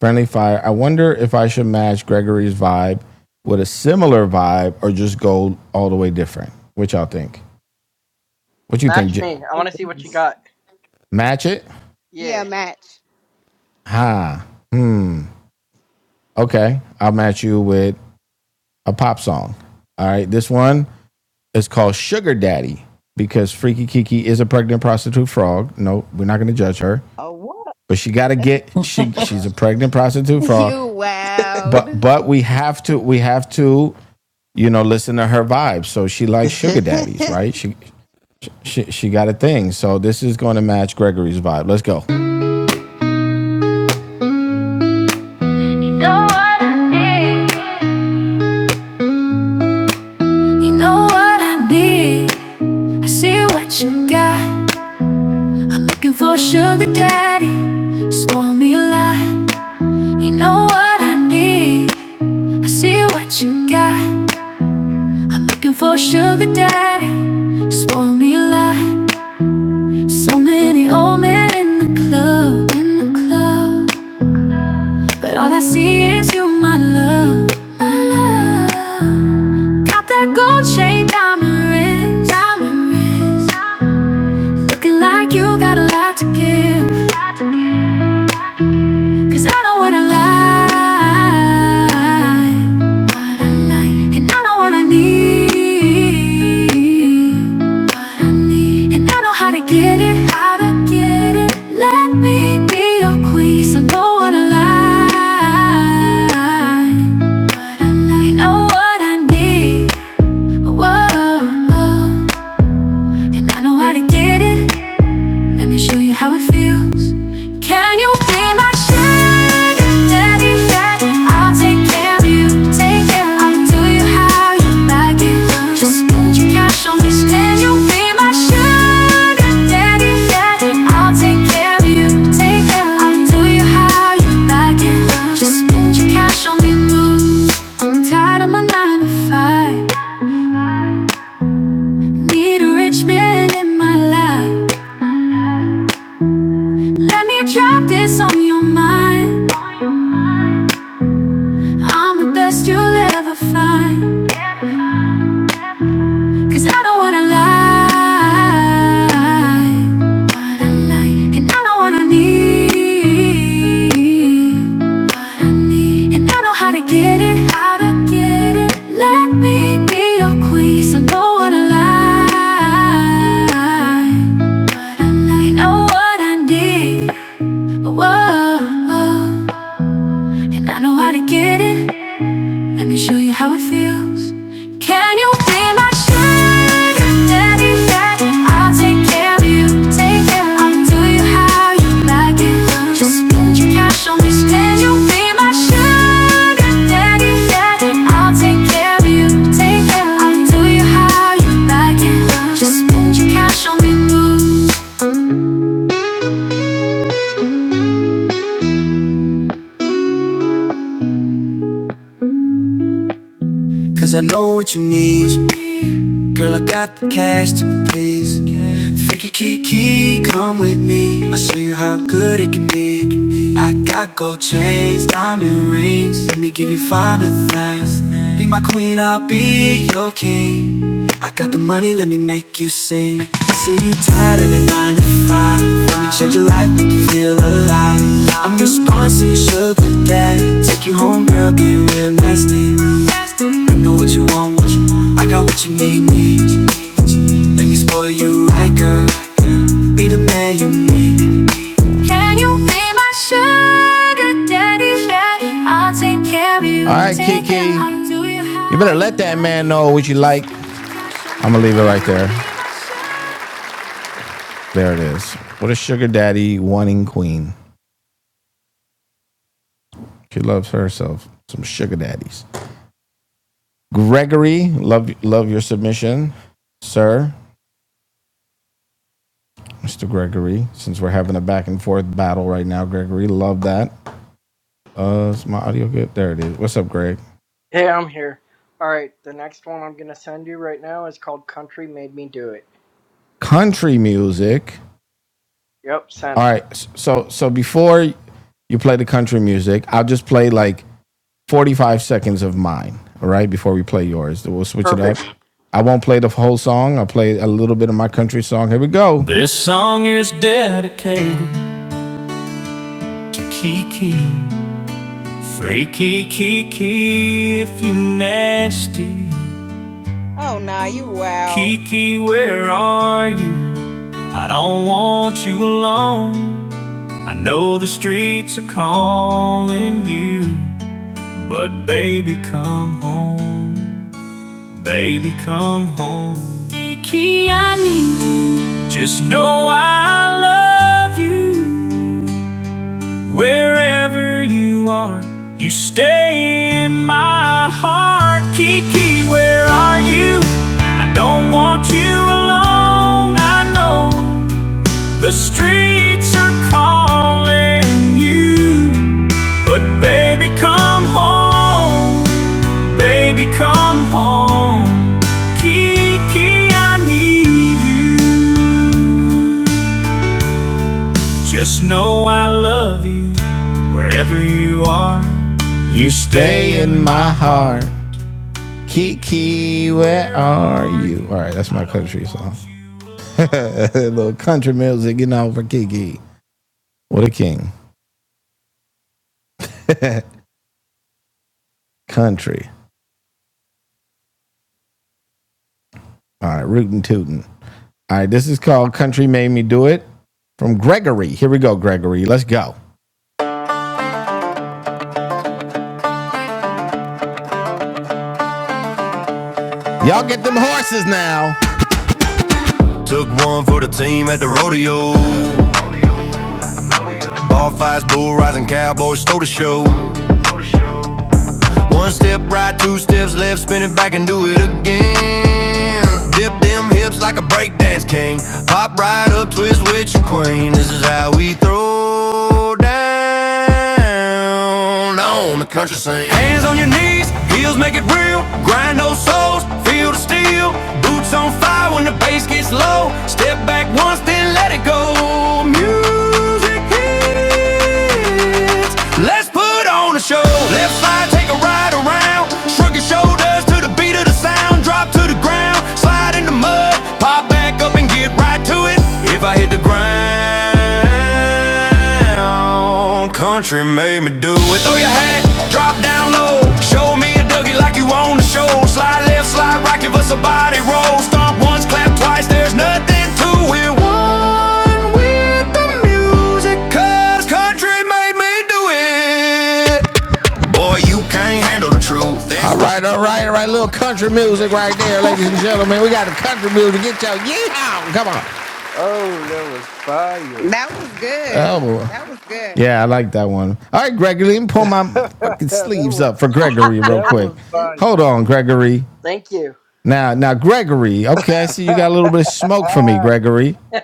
Friendly fire. I wonder if I should match Gregory's vibe with a similar vibe or just go all the way different. What y'all think? What you think?
Match
J-
me. I want to see what you
Snippets.
got.
match it?
Yeah,
Yeah.
match.
Ha. Okay. I'll match you with a pop song. All right. This one is called Sugar Daddy because Freaky Kiki is a pregnant prostitute frog. No, we're not going to judge her,
Oh, what
but she got to get she she's
oh,
a pregnant prostitute
You
frog. But
wowed.
but we have to we have to you know listen to her vibe. So she likes sugar daddies, right? She She, she got a thing. So this is going to match Gregory's vibe. Let's go. You know what I need. You know what I need. I see what you got. Looking for sugar daddy. Spoil me a You know what I need. I see what you got. Looking for sugar daddy. Spoil me a So many old men in the club, in the club. But all I see is you, my love, my love. Got that gold chain diamond ring, diamond ring. Looking like you got a lot to give. Cause I know what I like, what I like. And I know what I need, what I need. And I know how to get it, how to get it. Let me be your queen. 'cause I know what I like, what I like. I know what I need. Whoa, whoa. I know how to get it. Let me show you how it feels. Can you be my sugar daddy? Yeah, I'll take care of you. Take care. I'll do you how you like it. Just put your cash on me. Can you be my sugar daddy? Yeah, I'll take care of you. Take care. I'll do you how you like it. Just put your cash on me. I'm tired of my nine to five. Need a rich man in my life. Let me drop this on your mind. I'm the best you'll ever find. Cause I don't wanna lie. Wanna lie. And I don't wanna need what I need. And I know how to get it, how to get it. Let me be your queen. So I don't wanna lie. But I like, know what I need. Whoa. whoa. And I know how to get it. Let me show you how it feels. Can you be my sugar daddy? Yeah, I'll take care of you. Take care. I'll do you how you like it. Just spend your cash on me. Can you be my sugar daddy? Yeah, I'll take care of you. Take care. I'll do you how you like it. Just spend your cash on me. Ooh. Cause I know what you need. Girl, I got the cash to please. Think you key key, come with me. I'll show you how good it can be. I got gold chains, diamond rings. Let me give you five of things. Be my queen, I'll be your king. I got the money, let me make you sing. I see you tired of the nine to five. Let me change your life, make you feel alive. I'm your sponsor, your sugar daddy. Take you home, girl, get real nasty. I know what you want, what you want. I got what you need, need. Let me spoil you right, girl. Yeah. Be the man you need. All right, Kiki. You better let that man know what you like. I'm gonna leave it right there. There it is. What a sugar daddy wanting queen. She loves herself. Some sugar daddies. Gregory, love love your submission, sir. Mr. Gregory, since we're having a back and forth battle right now, Gregory, love that. Uh, is my audio good? There it is. What's up, Greg?
Hey, I'm here. All right. The next one I'm going to send you right now is called Country Made Me Do It.
country music.
Yep,
All
sent.
right, so so before you play the country music, I'll just play like 45 seconds of mine, all right, before we play yours. We'll switch it up.
Perfect.
I won't play the whole song. I'll play a little bit of my country song. Here we go. This song is dedicated to Kiki. Freaky Kiki, if you nasty.
Oh nah, you wow.
Kiki, where are you? I don't want you alone. I know the streets are calling you, but baby, come home. Baby, come home. Just know I love you. Wherever you are, you stay in my heart. Kiki, where are you? I don't want you alone. I know the streets are calling you. But baby, come home. Baby, come home. Kiki, I need you. Just know I love you wherever you are. You stay in my heart. Kiki, where are you? All right, that's my country song. A little country music, you know, for Kiki. What a king. Country. All right, rootin' tootin'. All right, this is called Country Made Me Do It from Gregory. Here we go, Gregory. Let's go. Y'all get them horses now. Took one for the team at the rodeo. All fives, bull riding cowboys stole the show. One step right, two steps left, spin it back and do it again. Dip them hips like a breakdance king. Pop right up, twist with your queen. This is how we throw down on the country scene. Hands on your knees, heels make it real. Grind those soles, feel the steel. Boots on fire when the bass gets low. Step back once, then let it go. Music hit kids. Let's put on a show. Left slide, take a ride around. Shrug your shoulders to the beat of the sound. Drop to the ground, slide in the mud. Pop back up and get right to it. If I hit the ground, country made me do it. Throw your hat, drop down low. Show me a Dougie like you on the show. Slide left, slide right, give us a body roll. Stomp once, clap twice. There's nothing to it. One with the music. Cause country made me do it. Boy, you can't handle the truth. That's All right, all right, all right. Little country music right there, ladies and gentlemen. We got the country music. Get your yeah, come on.
that was fire.
That was good.
Oh boy.
That was good.
Yeah, I like that one. All right, Gregory, let me pull my
that
fucking sleeves
was
up for Gregory real
that
quick.
was fire.
Hold on, Gregory.
Thank you.
Now, now, Gregory. Okay, I see you got a little bit of smoke for me, Gregory.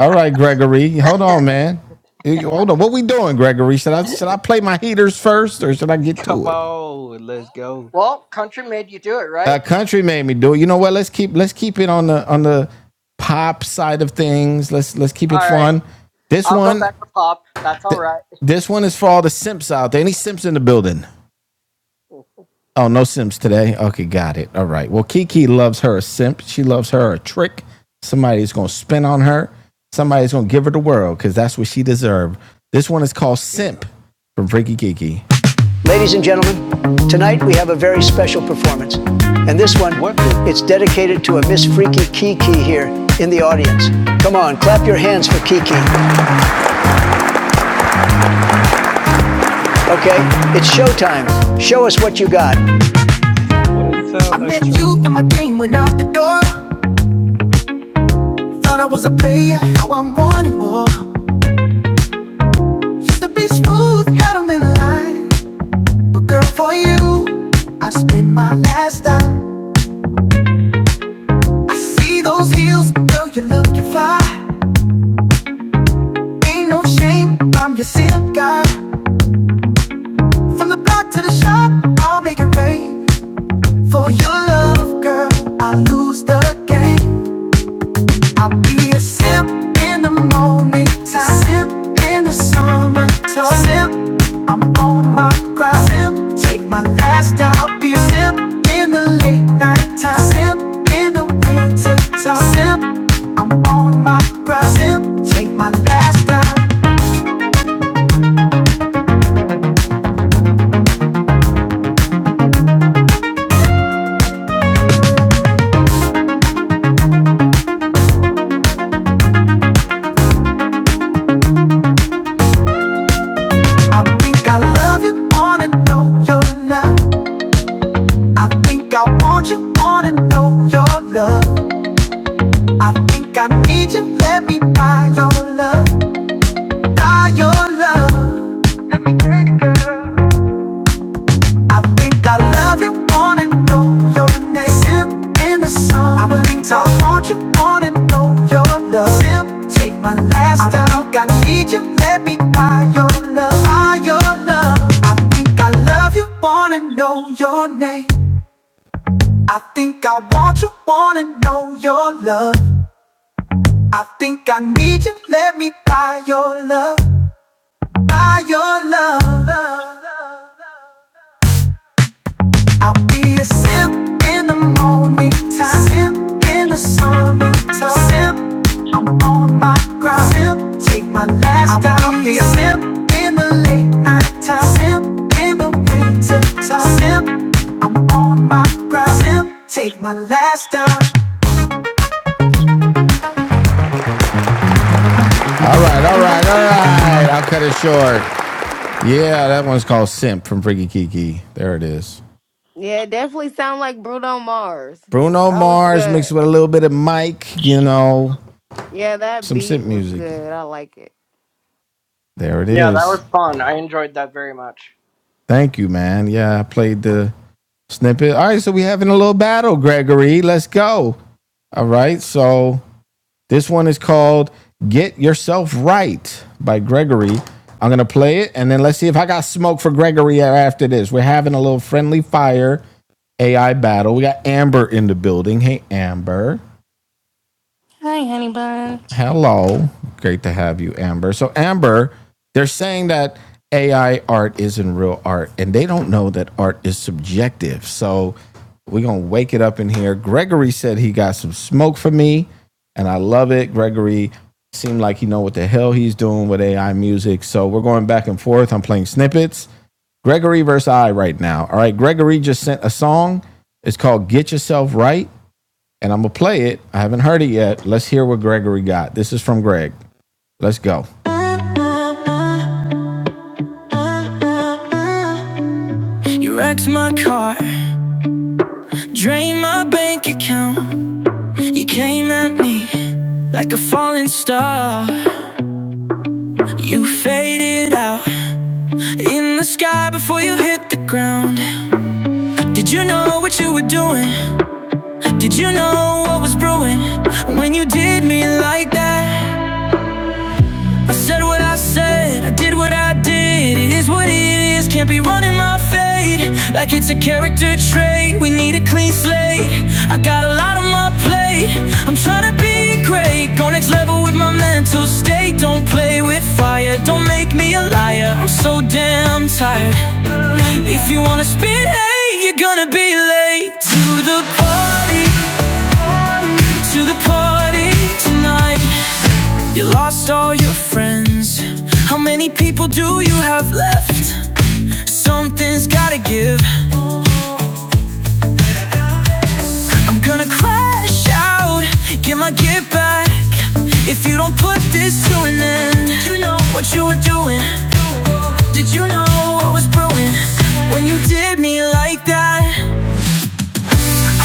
All right, Gregory. Hold on, man. You- you- Hold on. What we doing, Gregory? Should I should I play my heaters first or should I get to
Come
it?
on, let's go.
well, Country made you do it, right?
Uh, country made me do it. You know what? Let's keep let's keep it on the on the pop side of things. Let's let's keep it
All right.
fun. This
I'll go
one
back to pop. That's all right.
this one is for all the simps out there. Any simps in the building? Oh, no simps today. Okay, got it. All right. Well, Kiki loves her a simp. She loves her a trick. Somebody's going to spin on her. Somebody's going to give her the world because that's what she deserved. This one is called
Yeah.
Simp from Freaky Kiki. Ladies and gentlemen, tonight we have a very special performance. And this one,
What the
it's dedicated to a Miss Freaky Kiki here in the audience. Come on, clap your hands for Kiki. Okay? It's showtime. Show us what you got.
what he
I
sound like
met you in my dream went out the door. Thought I was a player, now I'm wanting more. Used to be smooth, had 'em in line. But girl, for you, I spent my last dime. I see those heels, girl, you look you fly. Ain't no shame, I'm your setup guy. From the block to the shop, I'll make it rain. For your love, girl, I lose the game. I'll be a simp in the morning time, simp in the summertime, simp. I'm on my grind, simp. Take my last dime. I'll be a simp in the late night time, simp in the winter time, simp. I'm on my grind, simp. Take my last dime. I think I love you, wanna know your love. I think I want you, wanna know your love. I think I need you, let me buy your love. Are your love? Let me take it, girl. I think I love you Wanna know your name. Sip in the sun. I believe I want you Wanna know your love. Sip, take my last time. I don't got need you. Let me buy your love. Buy your love. I think I love you Wanna know your name. I think I want you Wanna know your love. I think I need you. Let me buy your love. Buy your love. I'll be a sip in the morning time, sip in the summertime, sip. I'm on my grind, sip. Take my last dive. I'll be a sip in the late night time, sip in the winter time, sip. I'm on my grind, sip. Take my last dive. All right, all right, all right. I'll cut it short. Yeah, that one's called Simp from Freaky Kiki. There it is.
Yeah, it definitely sound like Bruno Mars.
Bruno
That was
Mars
good.
mixed with a little bit of Mike, you know,
Yeah, that
some
beat
simp
was
music.
good. I like it.
There it
Yeah, that
is.
was fun. I enjoyed that very much.
Thank you, man. Yeah, I played the snippet. All right, so we having a little battle, Gregory. Let's go. All right, so this one is called Get Yourself Right by Gregory. I'm going to play it and then let's see if I got smoke for Gregory after this. We're having a little friendly fire AI battle. We got Amber in the building. Hey, Amber.
Hi, honey bun.
Hello. Great to have you, Amber. So, Amber, they're saying that AI art isn't real art, and they don't know that art is subjective. So, we're going to wake it up in here. Gregory said he got some smoke for me, and I love it. Gregory seemed like he know what the hell he's doing with AI music. So, we're going back and forth. I'm playing snippets. Gregory versus I right now. All right, Gregory just sent a song. It's called Get Yourself Right and I'm gonna play it. I haven't heard it yet. Let's hear what Gregory got. This is from Greg. Let's go. You wrecked my car, drained my bank account. You came at me like a falling star. You faded out in the wind. I fade like it's a gateway. I got a lot on my plate. I'm fired, don't make me a liar. I'm so damn tired. If you wanna spit, hey, you're gonna be late to the party. to the party tonight. You lost all your friends. How many people do you have left? Something's gotta give. I'm gonna crash out, get my get back. If you don't put this to an end, did you know what you were doing. Did you know what was brewing when you did me like that?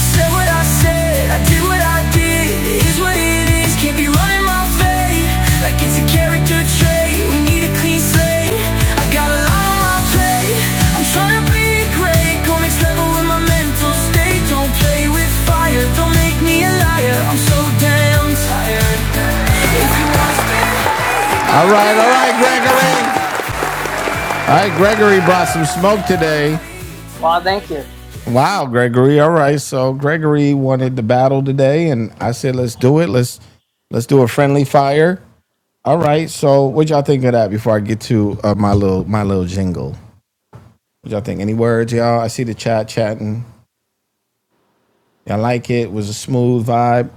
Said what I said, I did what I did. It is what it is. Can't be running my fate like it's a character trait. We need a clean slate. I got a lot on my plate. I'm tryna be great. Go next level with my mental state. Don't play with fire. Don't make me a liar. I'm so damn tired. All right, all right, Gregory. All right, Gregory brought some smoke today.
Well, thank you.
Wow, Gregory. All right. So Gregory wanted the battle today, and I said, let's do it. Let's let's do a friendly fire. All right. So what y'all think of that before I get to uh, my little my little jingle? What y'all think? Any words, y'all? I see the chat chatting. Y'all like it? It Was a smooth vibe.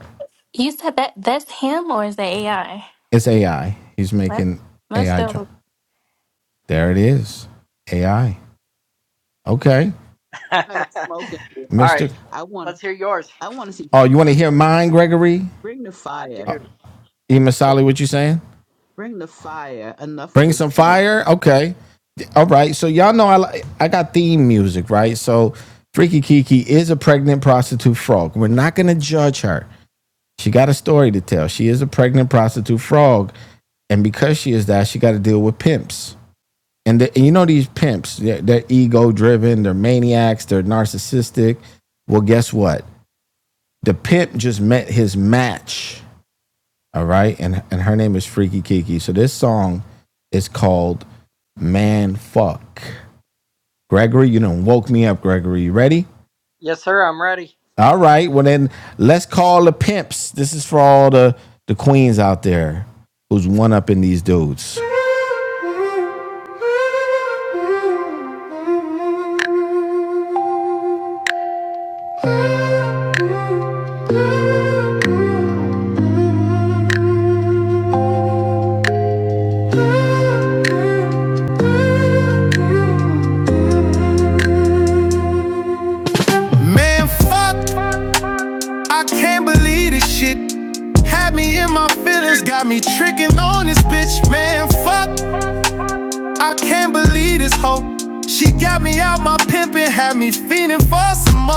You said that that's him or is that AI?
It's AI. He's
What
making
that's
AI.
dope.
dr- There it is. AI. Okay,
All
kind of smoking?
right,
Mister.
I want to
let's hear yours.
I want to see
Oh, you want to hear mine, Gregory?
bring the
I
fire.
do.
E. Masali, what you saying?
Bring the fire. Enough of
Bring
the
some
smoke.
fire. Okay. All right. So y'all know I li- I got theme music, right? So Freaky Kiki is a pregnant prostitute frog. We're not gonna judge her. She got a story to tell. She is a pregnant prostitute frog, and because she is that, she got to deal with pimps. And, the, and you know these pimps, they're, they're ego driven, they're maniacs, they're narcissistic. Well, guess what? The pimp just met his match all right. And and her name is Freaky Kiki. So this song is called Man Fuck. Gregory, you done woke me up, Gregory. You ready?
Yes, sir. I'm ready.
All right. Well then let's call the pimps. This is for all the, the queens out there who's one up in these dudes. This hope my pimp is feeling for some.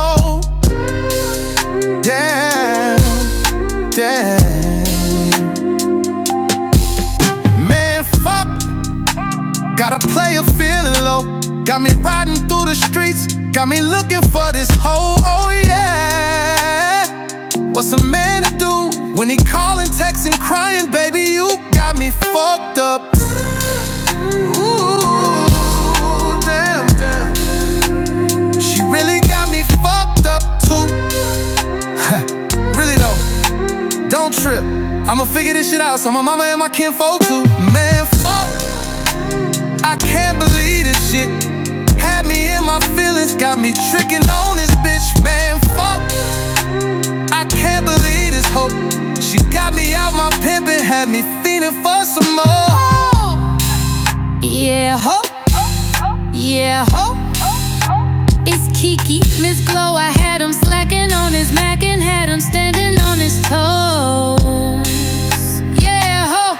Really though, don't trip. I'ma figure this shit out. So my mama and my kinfolk too. Man, fuck. I can't believe this shit. Had me in my feelings, got me tricking on this bitch, man. Fuck, I can't believe this hoe. She got me out my pimpin', had me feeling for some more. Yeah, ho, yeah, ho. It's Kiki, Miss Glow. I had him slacking on his Mac and had him standing on his toes. Yeah, ho,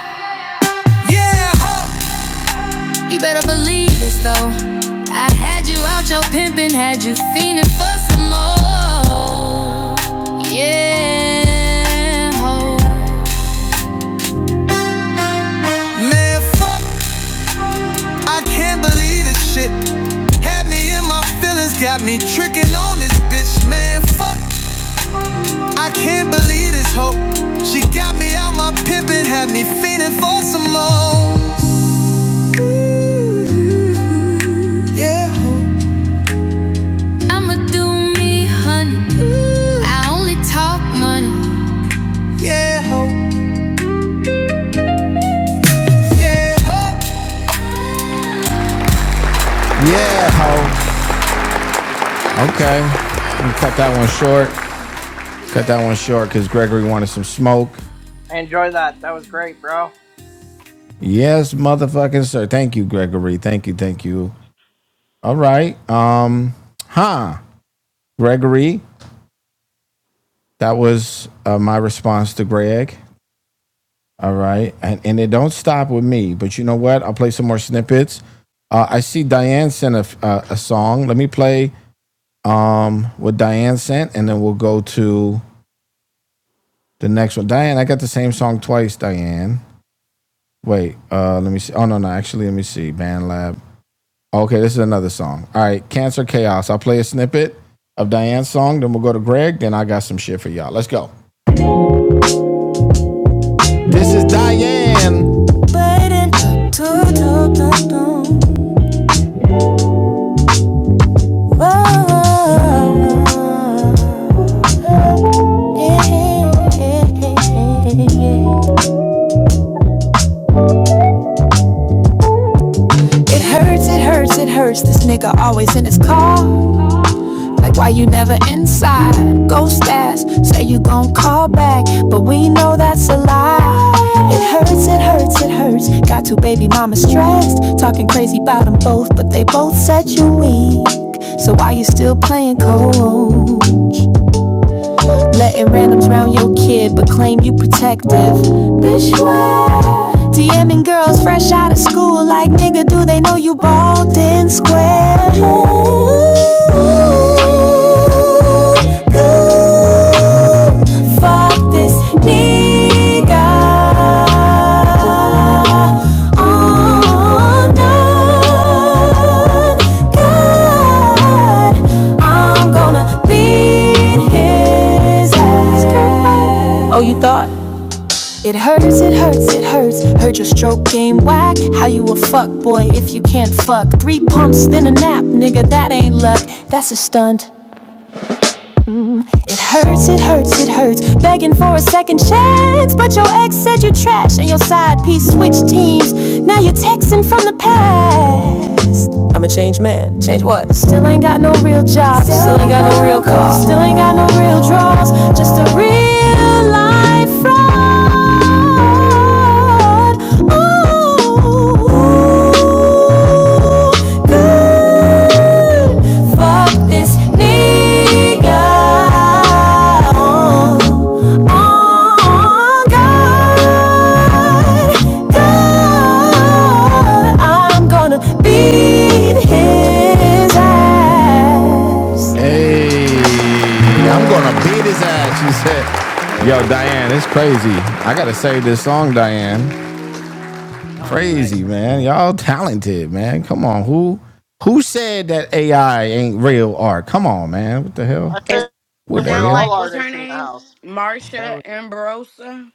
You better believe this though. I had you out your pimpin', had you fiendin' for some more. Yeah, ho. Man, fuck, I can't believe this shit. Had me in my feelings, got me trickin' on this bitch. Man, fuck, I can't believe this hoe. She got me out my pimpin', had me feeling for some more. Yeah, ho, yeah, ho. Yeah, ho. Okay. I'm gonna cut that one short. Cut that one short because Gregory wanted some smoke.
I enjoy that. That was great, bro.
Yes, motherfucking sir. Thank you, Gregory. Thank you, thank you. All right. Um, huh, Gregory. That was uh, my response to Greg. All right, and and it don't stop with me. But you know what? I'll play some more snippets. Uh, I see Diane sent a, a a song. Let me play um what Diane sent, and then we'll go to the next one. Diane, I got the same song twice. Diane, wait. Uh, let me see. Oh no, no. Actually, let me see. Band Lab. Okay, this is another song. All right, Cancer Chaos. I'll play a snippet of Diane's song, then we'll go to Greg, then I got some shit for y'all. Let's go. This is Diane. Like why you never inside? Ghost ass, say you gon' call back, but we know that's a lie. It hurts, it hurts. Got two baby mamas stressed, talking crazy about them both, but they both said you weak. So why you playing randoms round your kid, but claim you protect? the Bitch, DMing girls fresh out of school, like nigga, do they know you ball? Squirt fuck this nigga all night. God, I'm gonna beat his ass. Oh, it hurts, it hurts, it hurts. Heard your stroke game whack. How you a fuck boy if you can't fuck? Three pumps, then a nap, nigga. That ain't luck, that's a stunt. Hurts, it hurts, it hurts. Begging for a second chance, but your ex said you trash and your side piece switched teams. Now you're texting from the past. Got no real job, still ain't got Still ain't got no real draws, just a real life fraud. Ooh, good. Fuck this nigga. Oh, oh, God. Hey, I'm gonna beat his ass, she said. Yo, Diane, it's crazy. I gotta say this song, Diane.
That was nice.
Crazy, man. Y'all talented, man. Come on, who who said that AI ain't real art? Come on, man. What the hell?
I
It
said
That,
What the
we're
sound
hell?
all
like what's her
artists in the
name?
house.
that
Marsha
was
Ambrosa.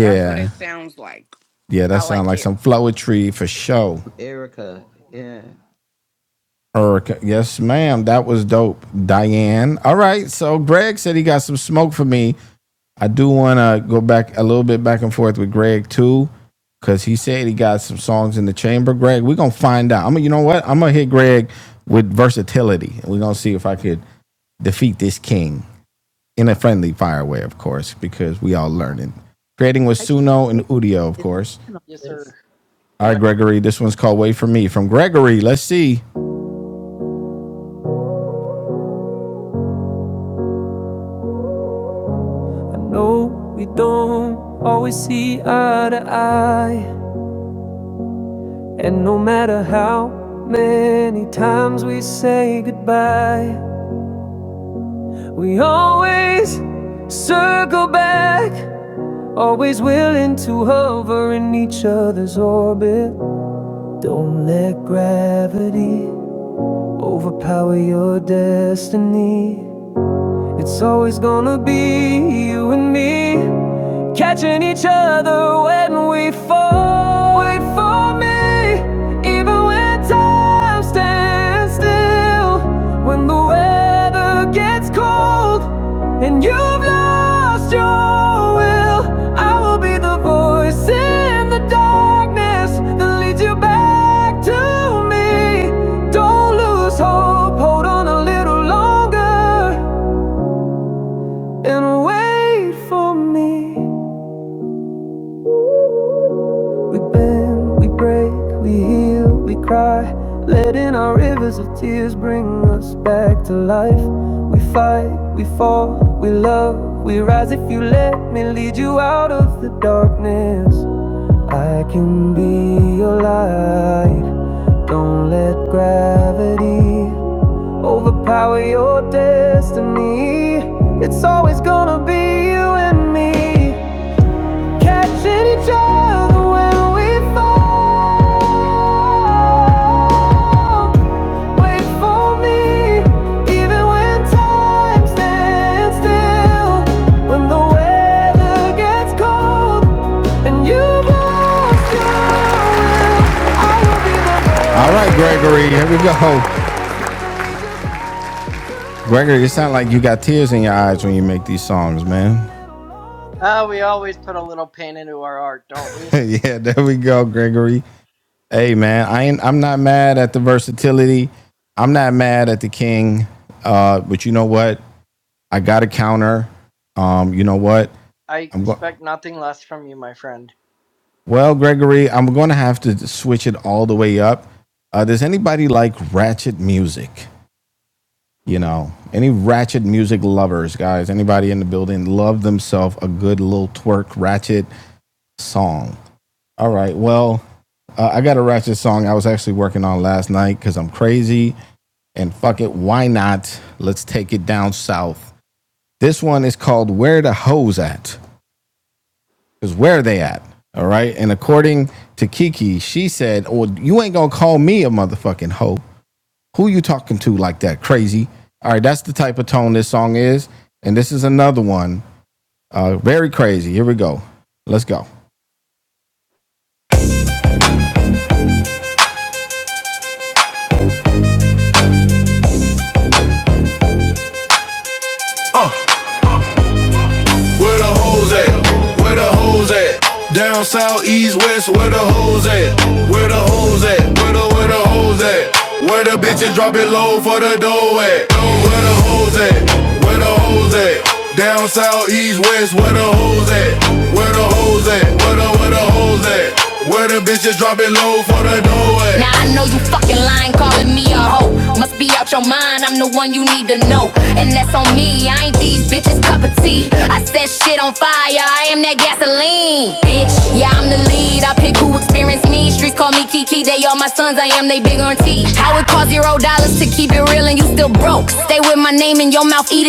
That's what it sounds like.
Yeah,
I
that sounds
like
like
it.
some flowetry for show.
from Erica. Yeah.
Erica. Yes, ma'am. That was dope. Diane. All right. So Greg said he got some smoke for me. I do want to go back a little bit back and forth with Greg too, because he said he got some songs in the chamber. Greg, we're gonna find out. I'm you know what? I'm gonna hit Greg with versatility, and we're gonna see if I could defeat this king in a friendly fire way, of course, because we all learning. Creating with
I can't
Suno and
wait
Udio, of
to
course.
Yes, sir.
this.
All right,
Amen.
Gregory. This one's called "Wait for Me" from Gregory. Let's see. I know we don't always see eye to eye. And no matter how many times we say goodbye, we always circle back. Always willing to hover in each other's orbit. Don't let destiny, it's always with me. Catching each other when we fall. Wait for me, even when I'm standing still. ever gets cold and you've lost your will, I will be the voice in the darkness that leads you back to me. Don't lose hope, hold on a little longer and wait for me. We bend, we break, we heal, we cry. Letting our rivers of tears bring us back to life. We fight, we fall, we love, we rise. If you let me lead you out of the darkness, I can be your light. Don't let gravity overpower your destiny. It's always gonna be you and me. Catching each other when we fall. Wait for me, even when time stands still. When the weather gets cold and you lost your will, I will be the one. All right, Gregory, here we go. Gregory, it sounds like you got tears in your eyes when you make these songs, man.
Uh, we always put a little pain into our art, don't we?
yeah, there we go, Gregory. Hey man, I ain't I'm not mad at the versatility. I'm not mad at the king. Uh, but you know what? I got a counter. Um, you know what?
I
I'm going
expect nothing less from you, my friend.
well, Gregory, I'm gonna have to switch it all the way up. Uh, does anybody like ratchet music? You know, any ratchet music lovers, guys? Anybody in the building love themselves a good little twerk ratchet song? All right, well, uh, I got a ratchet song I was actually working on last night because I'm crazy and fuck it, why not? Let's take it down south. This one is called Where the Hoes At? Because where are they at? All right. And according to Kiki, she said, Well, you ain't gonna call me a motherfucking hoe. Who you talking to like that? Crazy. All right, that's the type of tone this song is. And this is another one. Uh, very crazy. Here we go. Let's go. Where the hoes at? Where the hoes at? Down south, east, west, where the hoes at? Where the hoes at? Where the where the hoes at? Where the bitches drop it low for the dough at? Where the hoes at? Where the hoes at? Down south, east, west, where the hoes at? Where the hoes at? Where the where the hoes at? Where the bitches drop it low for the dough at? Now I know you fucking lying, calling me a hoe. Must be out your mind, I'm the one you need to know. And that's on me, I ain't these bitches' cup of tea. I set shit on fire, I am that gasoline. Lead, I pick me, streets call me Kiki. They all my sons, I am they big on T. How it cost zero dollars to keep it real and you still broke. With my name in mouth, it.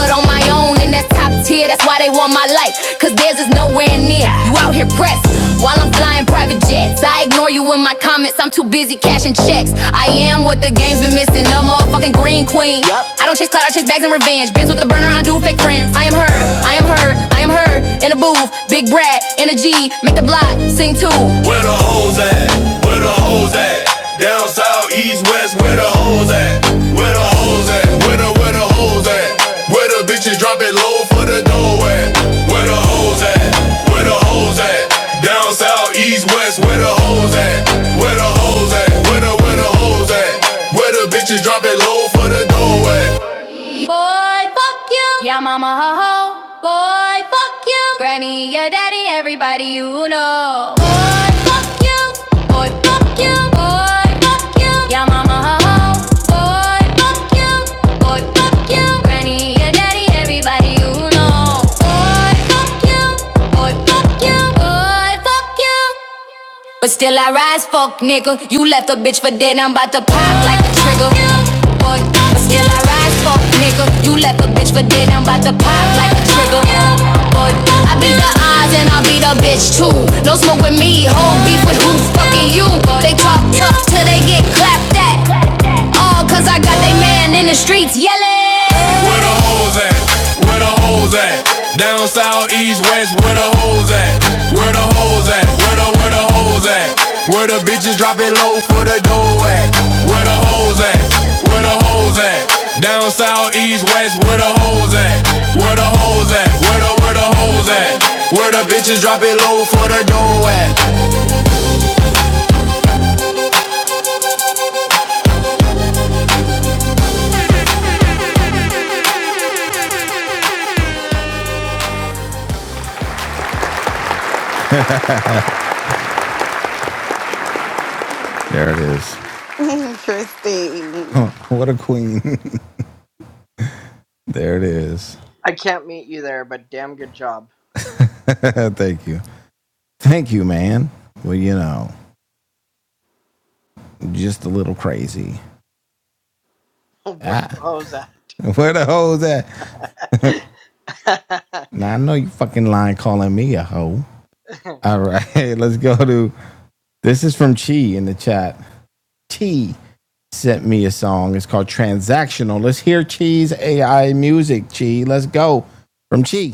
blood on my own, and that's top tier. That's why they want my life, cause theirs is nowhere near. You out here pressed while I'm flying private jets. I ignore you in my comments, I'm too busy cashing checks. I am what the game's been missing, a motherfucking green queen. I don't chase clout, I chase bags and revenge. Bitch with the burner, I do fake friends. I am her, I am her, I am her. In the booth, big brat, in a G, make the block, sing too. Where the hoes at? Where the hoes hoes at? Down south, east, west, where the hoes at? Where the hoes at? Where the where the hoes at? Where the bitches drop it low for the dough at? Where the hoes at? Where the hoes at? Down south, east, west, where the hoes at? Where the hoes at? Where the where the hoes at? Where the bitches drop it low for the dough at? Boy, fuck you. Yeah, mama, ho, ho. Boy, fuck you. Granny, your daddy, everybody you know. Boy, fuck you. Boy, fuck you. Boy, fuck you. Yeah, mama, ho, ho. Boy, fuck you. Boy, fuck you. Granny, your daddy, everybody you know. Boy, fuck you. Boy, fuck you. Boy, fuck you. But still I rise, fuck nigga. You left a bitch for dead, I'm about to pop like a trigger. Boy, but still I rise, fuck nigga. You left a bitch for dead, I'm about to pop like a trigger. Boy, I beat the odds and I'll beat the bitch too. No smoke with me, whole beef with who? Fucking you. They talk tough till they get clapped at. All cause I got they man in the streets yelling. Where the hoes at? Where the hoes at? Down south, east, west, where the hoes at? Where the hoes at? Where the, where the hoes at? Where the bitches drop it low for the dough at? Where the hoes at? Where the hoes at? Down south, east, west, where the hoes at? Where the hoes at? Where the, where the hoes at? Where the bitches drop it low for the dough at? There it is.
Interesting.
what a queen. there it is.
I can't meet you there, but damn good job.
Thank you. Thank you, man. Well, you know, just a little crazy.
Where was that?
Where the hoes at? Now I know you fucking lying calling me a hoe. All right, let's go to This is from Chi in the chat. Chi sent me a song. It's called Transactional. Let's hear Chi's AI music, Chi. Let's go. From Chi.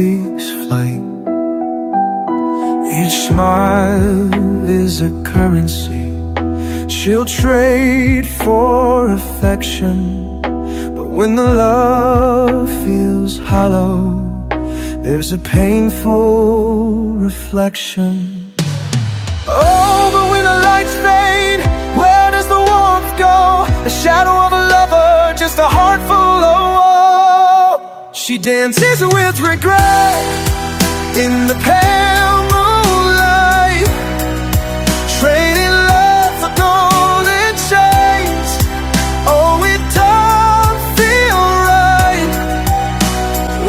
Each smile is a currency. She'll trade for affection. But when the love feels hollow, there's a painful reflection. Oh, but when the lights fade, where does the warmth go? The shadow of a lover, just a heart full of woe. She dances with regret in the pale moonlight, trading love for golden chains. Oh, it don't feel right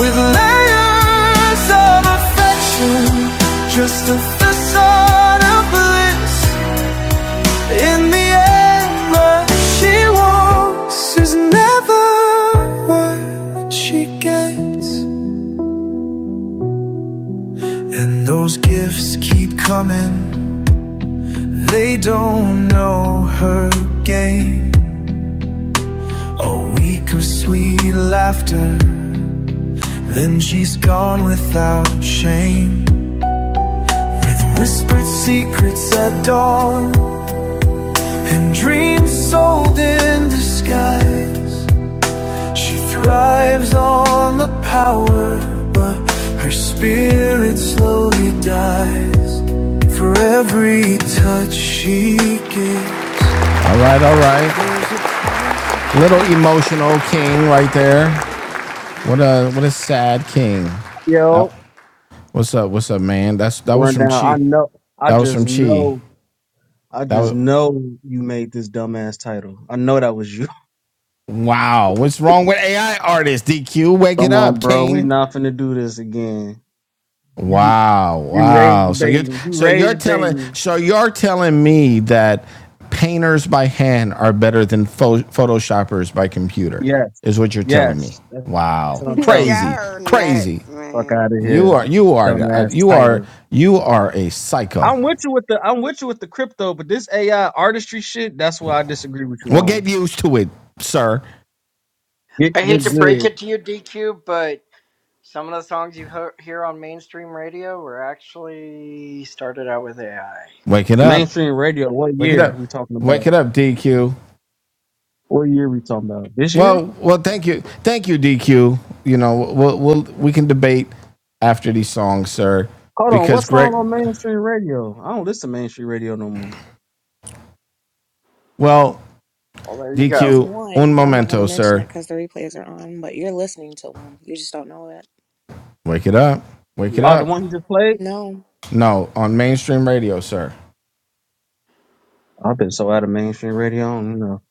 with layers of affection, just a facade of bliss. In the end, what she wants is never what she gets. And those gifts keep coming, they don't know her game. A week of sweet laughter, then she's gone without shame. Whispered secrets at dawn, dreams sold in disguise. She thrives on the power, but her spirit slowly dies. For every touch she gives, All right, all right. Little emotional king right there. What a what a sad king. That,
Yo,
what's up? What's up, man? That's that was
run
from
down. I
Chi.
know. I
That was
just
from Chi.
know. I
That
just
was
know you made this dumbass title. I know that was you.
wow. What's wrong with AI artists? DQ, wake it
Come on,
up,
bro. We
King.
not finna do this again. You,
Wow,
you rage
wow. So you're
baiting. You
so you're
rage
telling
baiting.
so you're telling me that painters by hand are better than pho- photoshoppers by computer
Yes.
is what you're telling me.
Yes. That's
Wow,
what I'm
Y'all
telling you.
crazy,
are
crazy.
nuts,
Fuck
man.
out of
You
here.
are you are uh,
Dumbass
you are
title.
you are a psycho.
I'm with you with the I'm with you with the crypto, but this AI artistry shit, that's what I disagree with you
Well,
on.
get used to it, sir.
Get
I hate
get
to break
good.
it to you, DQ, but Some of the songs you hear on mainstream radio were actually started out with AI.
Wake it up.
Mainstream radio, what
Wake it
year
up.
we talking
Wake
about?
it up, DQ.
What year we talking about? This year?
Well, well, thank you, thank you, DQ. You know, we'll, we'll we can debate after these songs, sir,
Hold on, what
because
song
Greg.
on mainstream radio? I don't listen to mainstream radio no more.
Well,
Well, there you go.
There's
DQ, un
one, but I'm not going to
momento,
mention
sir.
it because the replays are on. But you're listening to one. You just don't know it.
Wake it up, wake it
Yep.
Oh, the
up.
one you just played?
No.
No, on mainstream radio, sir.
I've been so out of mainstream radio, I don't know.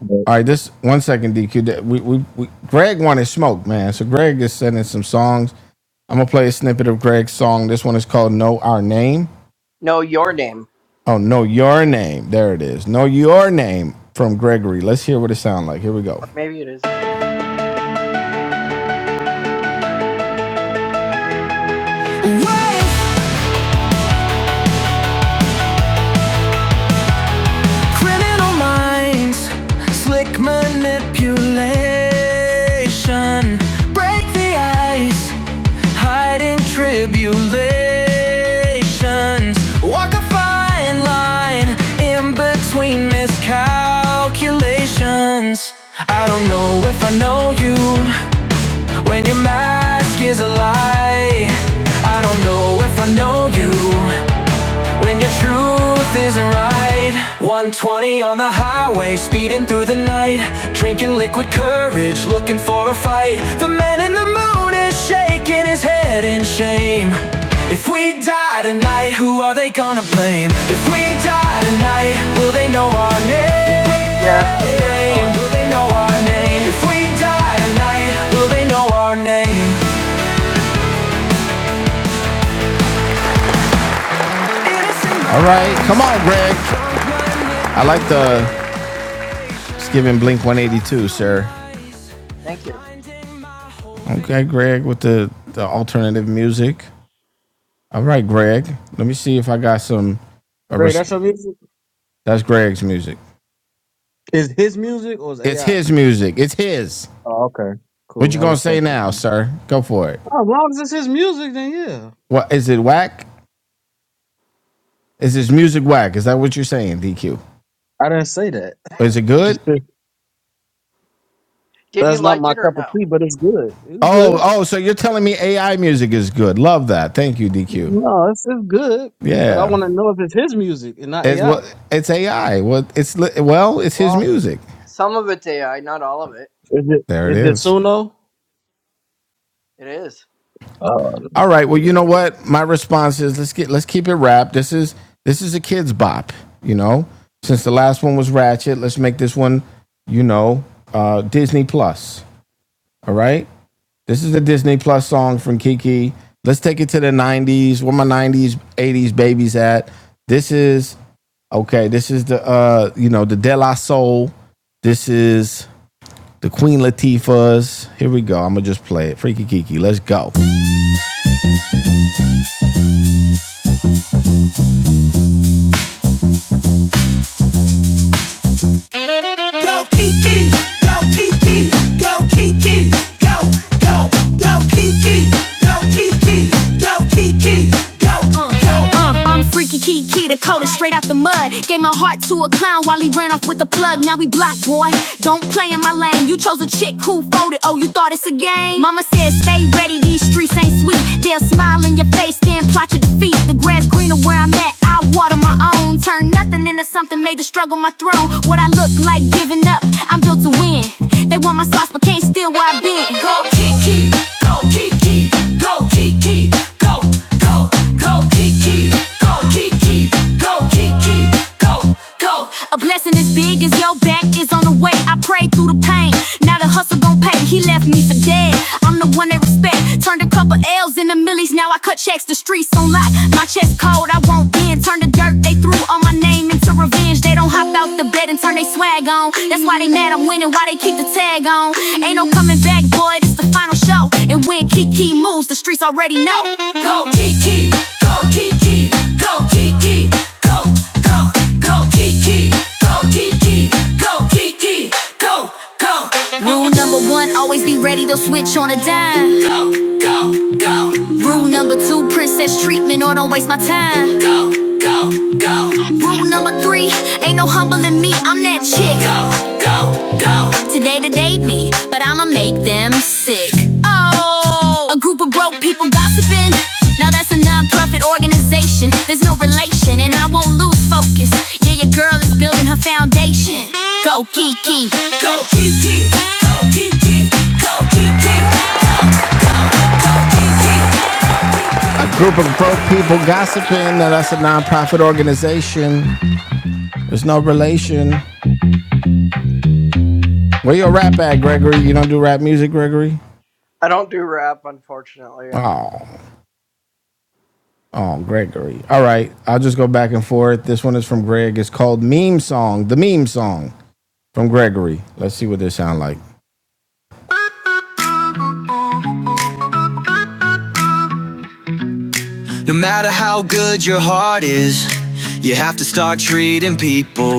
But
All right, this one second, DQ. We, we, we Greg wanted smoke, man. So Greg is sending some songs. I'm gonna play a snippet of Greg's song. This one is called "Know Our Name."
Know your name,
Oh, know your name. There it is. Know your name from Gregory. Let's hear what it sounds like. Here we go.
or maybe it is no.
Little minds, like manipulation. Break the ice, hiding tribulations. Walk a fine line in between miscalculations. I don't know if I know you when your mask is a lie. I don't know if I know you And your truth isn't right. 120 on the highway, speeding through the night. Drinking liquid courage, looking for a fight. The man in the moon is shaking his head in shame. If we die tonight, who are they gonna blame? If we die tonight, will they know our name?
Yeah, it's know your know our name.
Will they know our name? If we die tonight, will they know our name? All right, come on, Greg. I like the it's giving Blink 182, sir.
Thank you.
Okay, Greg with the, the alternative music. All right, Greg. Let me see if I got some. A
Ray,
res-
that's your music?
That's Greg's music.
Is his music or is
It's
AI?
his music. It's his.
Oh, okay.
What
Cool.
you
I
gonna say
respect it.
now, sir? Go for it.
Oh, as long as it's his music, then yeah.
What is it? Whack? Is this music whack? Is that what you're saying, DQ?
I didn't say that.
Is it
Just
good?
Did you
that's not
like
my
it or
cup of
no?
tea, but it's good. It's
Oh,
good.
oh. So you're telling me AI music is good? Love that. Thank you, DQ.
No, it's, it's good. But I
Yeah.
want to know if it's his music and not
It's what?
AI.
Well, It's AI. What? Well, It's well. It's his
Well,
music.
some of it's AI, not all of it.
Is it
There it
is it
is.
Suno?
It is.
Uh,
All right. Well, you know what? My response is let's get let's keep it wrapped. This is this is a kids bop, you know. Since the last one was Ratchet, let's make this one, you know, uh Disney Plus. All right? This is a Disney Plus song from Kiki. Let's take it to the 90s. Where my 90s, 80s babies at? This is okay, this is the uh, you know, the De La Soul. This is the Queen Latifah's. Here we go. I'm gonna just play it. Freaky Kiki. Let's go. Uh, I'm freaky key key Dakota, straight out the mud. Gave my heart to a clown while he ran off with the plug. Now we blocked, boy. Don't play in my lane. You chose a chick who folded. Oh, you thought it's a game? Mama said, stay ready. These streets ain't sweet. They'll smile in your face, then plot your defeat. The grass greener where I'm at. I water my own. Turn nothing into something. Made the struggle my throne. What I look like giving up. I'm built to win. They want my sauce, but can't steal where I've been. Go, Kiki, go, Kiki, go, Kiki, go, go. I'm the No, no, and Kiki's already know. Go Kiki, go Kiki, go, go, Kiki, go Kiki, go, go. Rule number one, always be ready to switch on a dime. Rule number two, princess treatment or don't waste my time. go. Rule number three, ain't no humbling me, I'm that chick. Go, go, go. Today to date me, but I'ma make them sick. Oh, a group of broke people gossiping. Now that's a non-profit organization. There's no relation, and I won't lose focus. Yeah, your girl is building her foundation. Go, Kiki. Go Kiki, go Kiki, go Kiki, go, go, go Kiki, a group of broke people gossiping that that's a nonprofit organization. There's no relation. Where your rap at, Gregory? You don't do rap music, Gregory?
I don't do rap, unfortunately. I'm.
Oh, oh, Gregory. All right, I'll just go back and forth. This one is from Greg. It's called Meme Song, the Meme Song from Gregory. Let's see what this sound like. good your heart is readable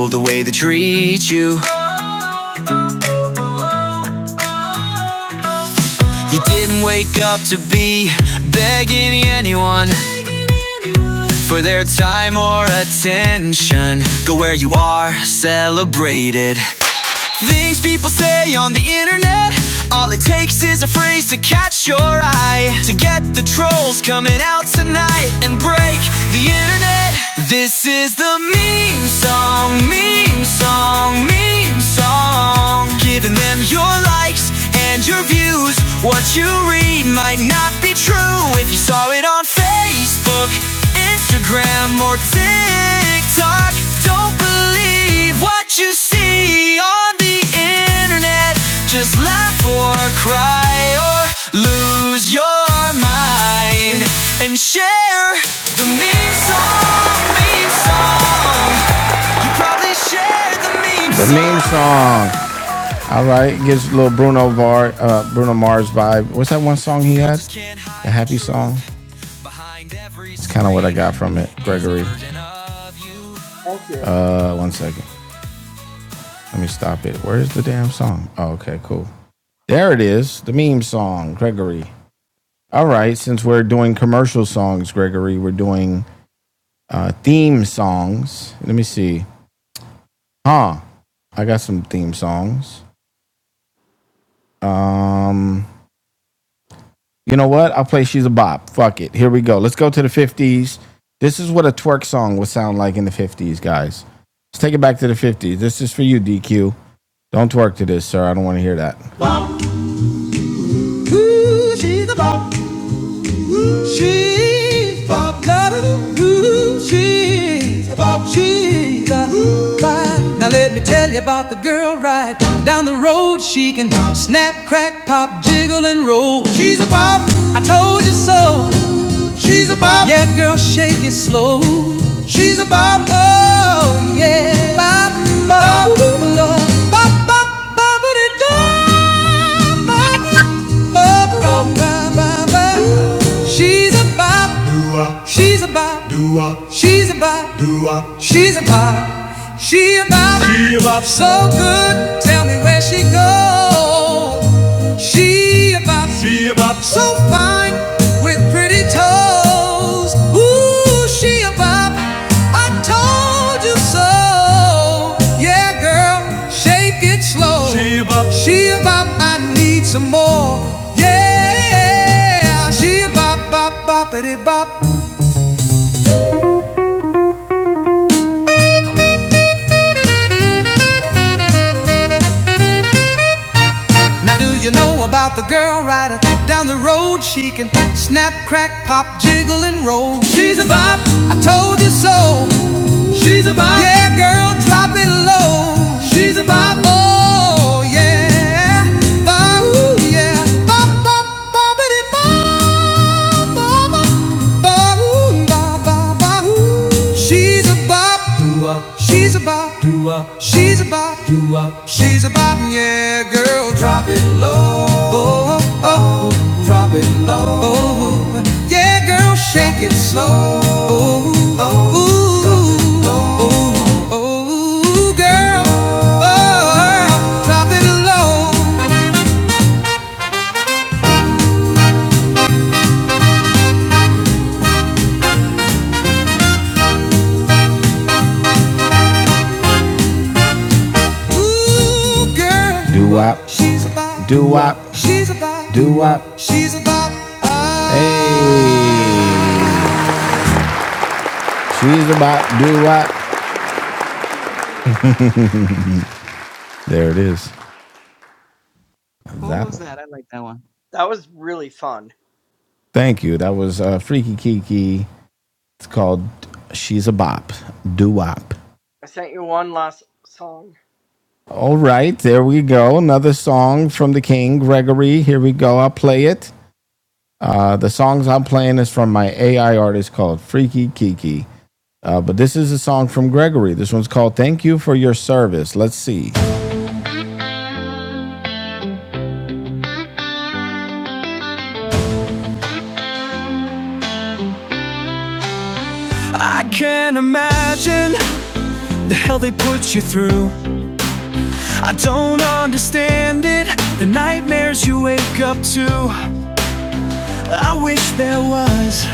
the way they treat you you didn't wake up to be begging anyone for their time or attention. Go where you are, celebrated. Things people say on the internet. All it takes is a phrase to catch your eye. To get the trolls coming out tonight and break the internet. This is the meme song, meme song, meme song. Giving them your likes and your views. What you read might not be true if you saw it on Facebook, Instagram, or TikTok. Don't don't believe what you see on the internet. Just laugh or cry or lose your mind and share the meme song. Meme song. You probably shared the meme song. The meme song. All right, gives a little Bruno Var, uh, Bruno Mars vibe. What's that one song he had? The happy song. It's Kind of what I got from it, Gregory.
Thank you.
Uh, one second. Let me stop it. Where's the damn song? Oh, okay, cool. There it is. The meme song, Gregory. All right, since we're doing commercial songs, Gregory, we're doing uh, theme songs. Let me see. Huh. I got some theme songs. Um, you know what? I'll play She's a Bop. Fuck it. Here we go. Let's go to the 50s. This is what a twerk song would sound like in the 50s, guys. Let's take it back to the 50s. This is for you, DQ. Don't twerk to this, sir. I don't want to hear that. Ooh, She Ooh, she's, a, she's a vibe. Now let me tell you about the girl right down the road. She can snap, crack, pop, jiggle, and roll. She's a bop. I told you so. Bop. Yeah, shake it slow. She's a bop. Oh, yeah. Bop, bop, bop, bop, bop, bop, bop, bop, bop, bop. She's a bop. She's a bop. She's a bop. She's a bop. She about so good, tell me where she goes. She about, she about so fine with pretty toes. Ooh, she about, I told you so. Yeah, girl, shake it slow. She about, she about, I need some more. Yeah, she about, bop, boppity bop. Now do you know about the girl rider down the road? She can snap, crack, pop, jiggle, and roll. She's a bop. I told you so. She's a bop. Yeah, girl, drop it low. She's a bop. Oh yeah, bop, ooh, yeah, bop, bop, boppity bop. She's a bop, she's a bop, she's a bop, she's a bop, yeah, girl, drop it low, oh, oh, drop it low, oh, yeah, girl, shake it slow, oh, oh, ooh, oh, oh, girl, oh, drop it low, ooh, girl, do-wop, she's a bop, doo wop, Do wop. Hey, she's a bop. Do wop. There it is.
Who
That
was
one.
that? I like that one.
That was really fun.
Thank you. That was uh, Freaky Kiki. It's called She's a Bop. Do wop.
I sent you one last song.
All right, there we go. Another song from the King Gregory. Here we go. I'll play it. Uh, the songs I'm playing is from my AI artist called Freaky Kiki. Uh, but this is a song from Gregory. This one's called "Thank You for Your Service." Let's see. I can't imagine the hell they put you through. I don't understand it. The nightmares you wake up to. I wish there was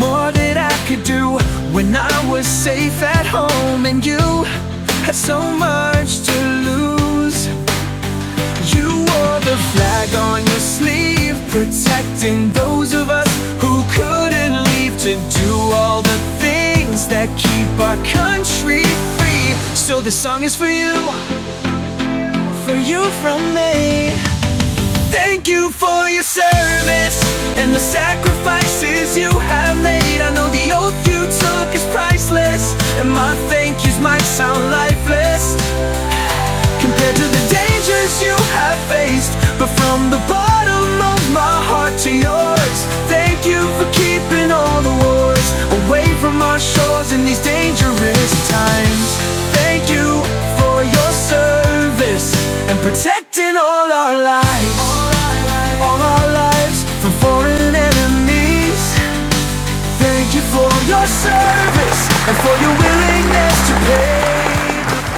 more that I could do when I was safe at home and you had so much to lose. You wore the flag on your sleeve, protecting those of us who couldn't leave to do all the things that keep our country free. So this song is for you, for you from me. Thank you for your service and the sacrifices you have made. I know the oath you took is priceless, and my thank yous might sound lifeless compared to the dangers you have faced. But from the bottom of my heart, thank you for keeping all the wars away from our shores in these dangerous times. Thank you for your service. Protecting all our lives, all our lives all our lives from foreign enemies. Thank you for your service and for your willingness to pay.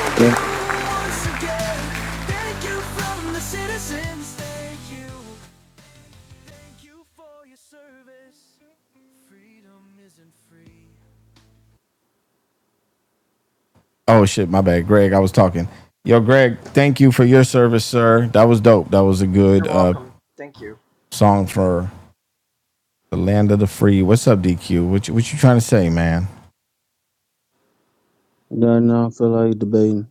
Once again, thank you from the citizens. Thank you, Thank you for your service. Freedom isn't free. Oh shit, my bad, Greg. I was talking. Yo, Greg, thank you for your service, sir. That was dope. That was a
You're
good uh,
welcome. Thank you.
song for The land of the free. What's up, DQ? What you, what you trying to say, man?
no, no, I feel like debating.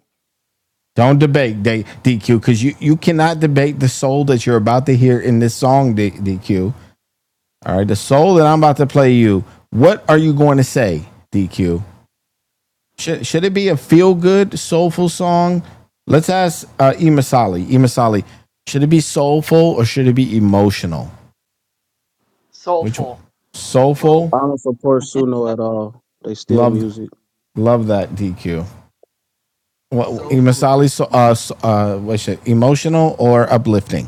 Don't debate D- DQ because you, you cannot debate the soul that you're about to hear in this song, D- DQ. All right, the soul that I'm about to play you. What are you going to say, DQ? Should, should it be a feel good, soulful song? Let's ask uh, Emasali, Imasali, should it be soulful or should it be emotional? Which one?
Soulful,
Both.
Soulful.
I don't support Suno at all. They steal
Love
music.
love that DQ. What
Thank
Soulful.
Masali? So, uh, so- uh, what's it? Emotional or uplifting?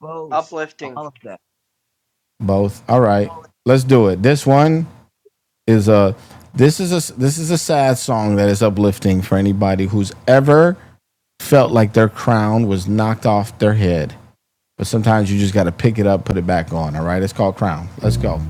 Both.
uplifting.
All of that.
Both. All right,
All of
let's do it. This one is a. This is a. This is a sad song that is uplifting for anybody who's ever felt like their crown was knocked off their head. But sometimes you just got to pick it up, put it back on. All right, it's called Crown. Let's go.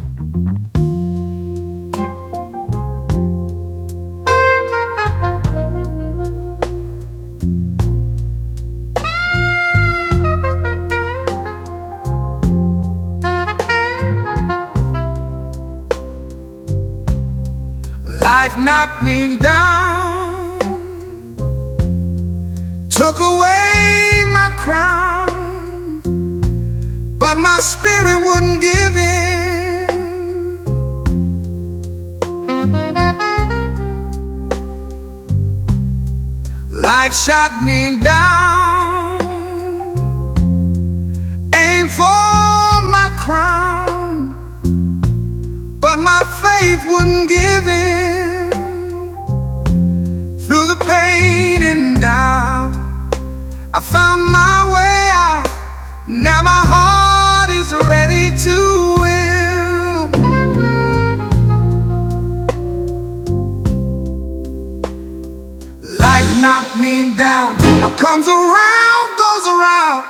Life shot me down through the pain. And my heart is ready to win. Life knocked me down. What comes around goes around.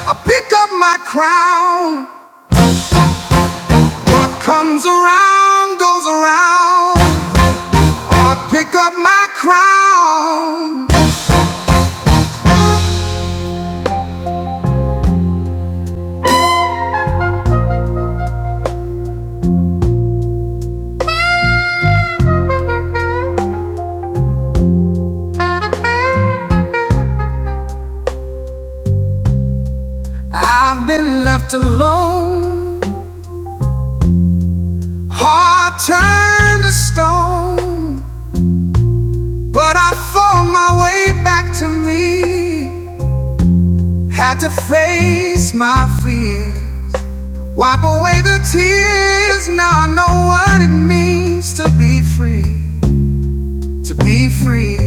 I pick up my crown. What comes around goes around. I pick up my crown. I've been left alone. Heart turned to stone. But I found my way back to me. Had to face my fear. Wipe away the tears, now I know what it means to be free, to be free.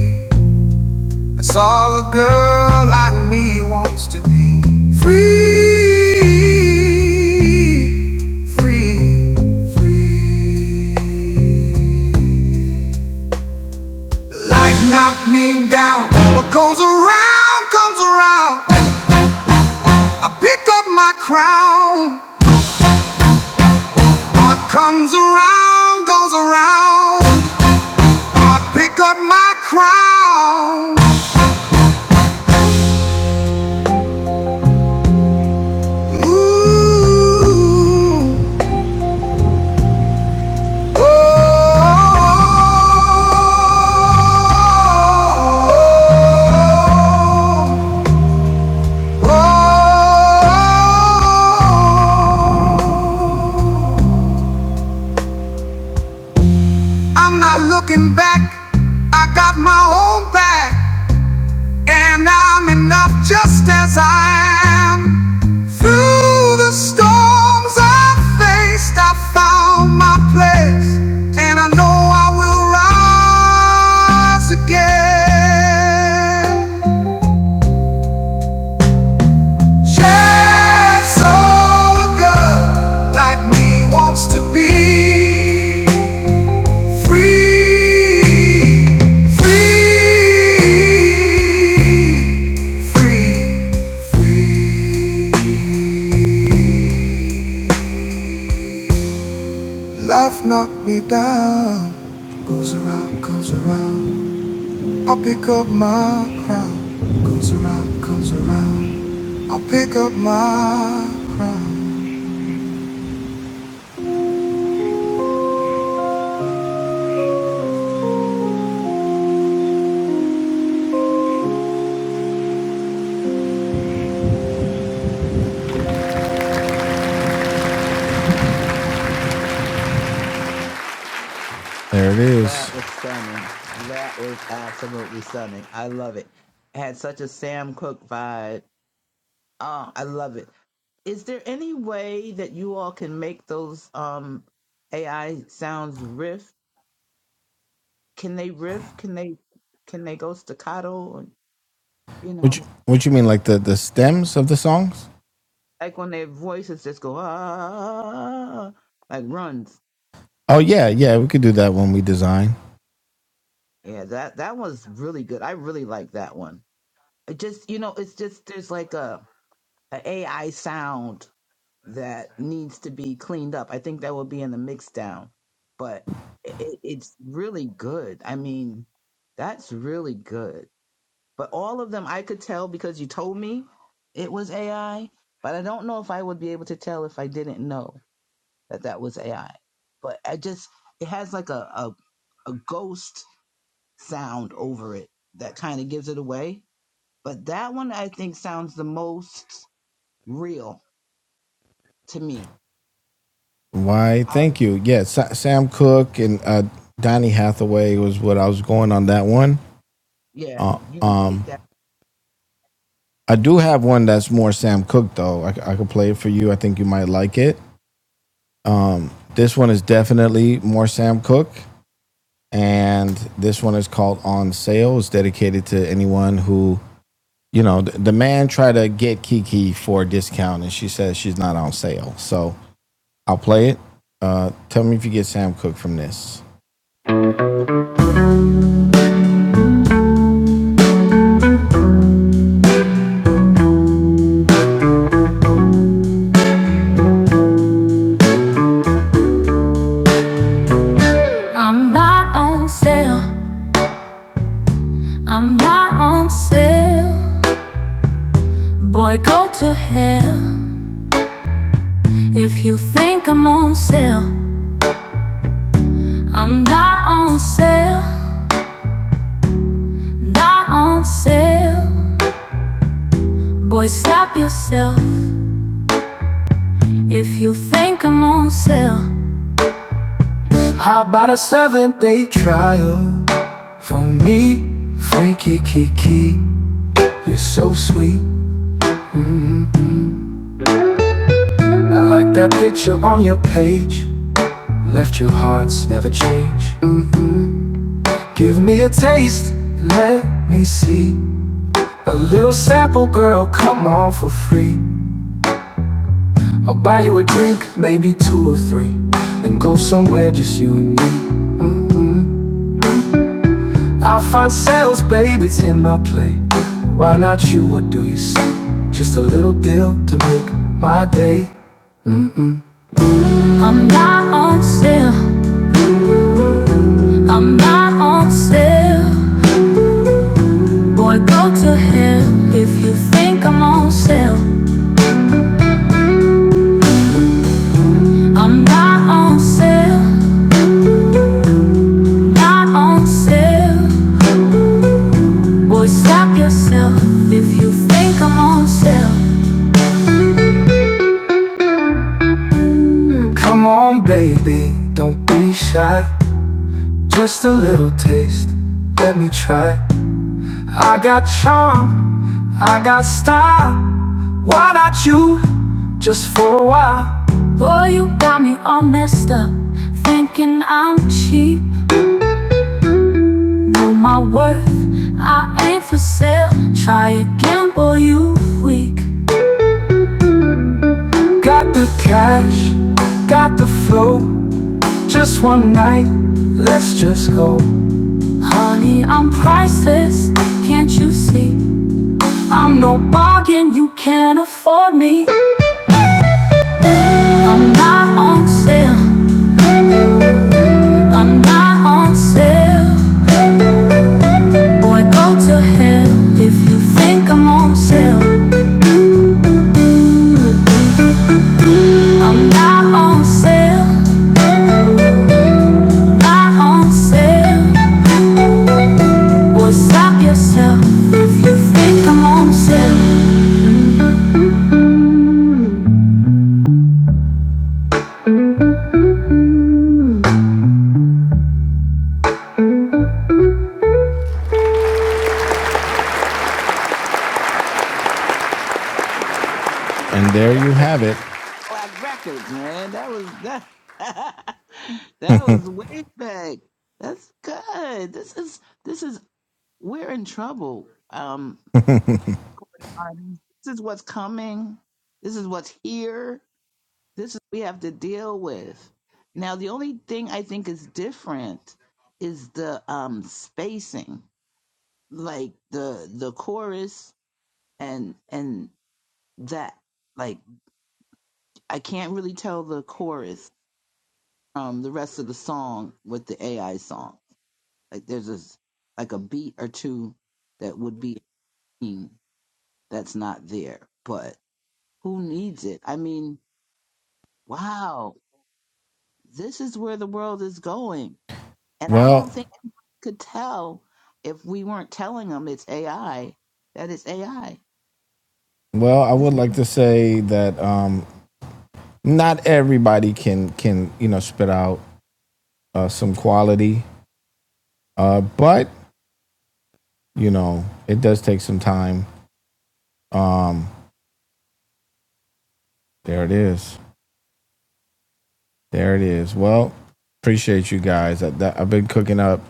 That's all a girl like me wants to be. Free, free, free. Life knocked me down. What goes around comes around. I picked up my crown. What comes around goes around. I pick up my crown. Ooh, oh, got my own back. Through the storms I faced, I found my place, and I know I will rise again. Share soul good, like me wants to be free, free, free. Life knocked me down. Goes around, goes around. I'll pick up my crown. Goes around, goes around. I'll pick up my crown. There it is.
that was stunning. That was absolutely stunning. I love it. It had such a Sam Cooke vibe. Oh, I love it. Is there any way that you all can make those um AI sounds riff? can they riff? Can they can they go staccato? And you
Which what you
know,
what you mean like the the stems of the songs?
like when their voices just go ah, like runs.
Oh yeah, yeah, we could do that when we design.
Yeah, that that was really good. I really like that one. It just you know, it's just there's like a, a AI sound that needs to be cleaned up. I think that will be in the mix down, but it, it's really good. I mean, that's really good. But all of them I could tell because you told me it was AI, but I don't know if I would be able to tell if I didn't know that that was AI. But I just it has like a a, a ghost sound over it that kind of gives it away. But that one I think sounds the most real to me.
Why?
I,
Thank you. Yeah, Sa- Sam Cooke and uh Donny Hathaway was what I was going on that one.
yeah, you did that.
I do have one that's more Sam Cooke though. I, c- I could play it for you. I think you might like it. This one is definitely more Sam Cooke, and this one is called On Sale. It's dedicated to anyone who, you know, th- the man tried to get Kiki for a discount, and she says she's not on sale. So I'll play it. Uh, tell me if you get Sam Cooke from this. I'm not on sale. I'm not on sale. Boy, go to hell. If you think I'm on sale, I'm not on sale. Not on sale. Boy, stop yourself. If you think I'm on sale, For me, Frankie Kiki, you're so sweet. I like that picture on your page. Left your hearts never change. Give me a taste, let me see. A little sample, girl, come on for free. I'll buy you a drink, maybe two or three. Then go somewhere just you and me. I'll find sales, baby, it's in my play. Why not you? What do you say? Just a little deal to make my day. I'm not on still, I'm not on still. Boy, go to hell if you think I'm on sale. I'm not on sale, not on sale. Boy, stop yourself if you think I'm on sale. Come on, baby, don't be shy. Just a little taste, let me try. I got charm, I got style. Why not you? Just for a while. Boy, you got me all messed up. Thinking I'm cheap on my worth, I ain't for sale. Try again, boy, you Got the cash, got the flow. Just one night, let's just go. Honey, I'm priceless, can't you see? I'm no bargain, you can't afford me. I'm not on sale, I'm not on sale. Boy, go to hell if you think I'm on sale. Well, And there
That
you
was
have it.
Cadillac Records, man. That was that. that was way back. That's good. This is this is We're in trouble. Um, um, this is what's coming. This is what's here. This is what we have to deal with. Now, the only thing I think is different is the um spacing, like the the chorus and and that. Like I can't really tell the chorus um the rest of the song with the AI song. Like there's a like a beat or two that would be a theme that's not there, but. Who needs it? I mean, wow, this is where the world is going. And I don't
Well,
think anyone could tell if we weren't telling them it's AI that it's AI.
well, I
This,
would like to say that um, not everybody can can you know spit out uh, some quality, uh, but you know it does take some time. There it is. There it is. Well, appreciate you guys. I, that, I've been cooking up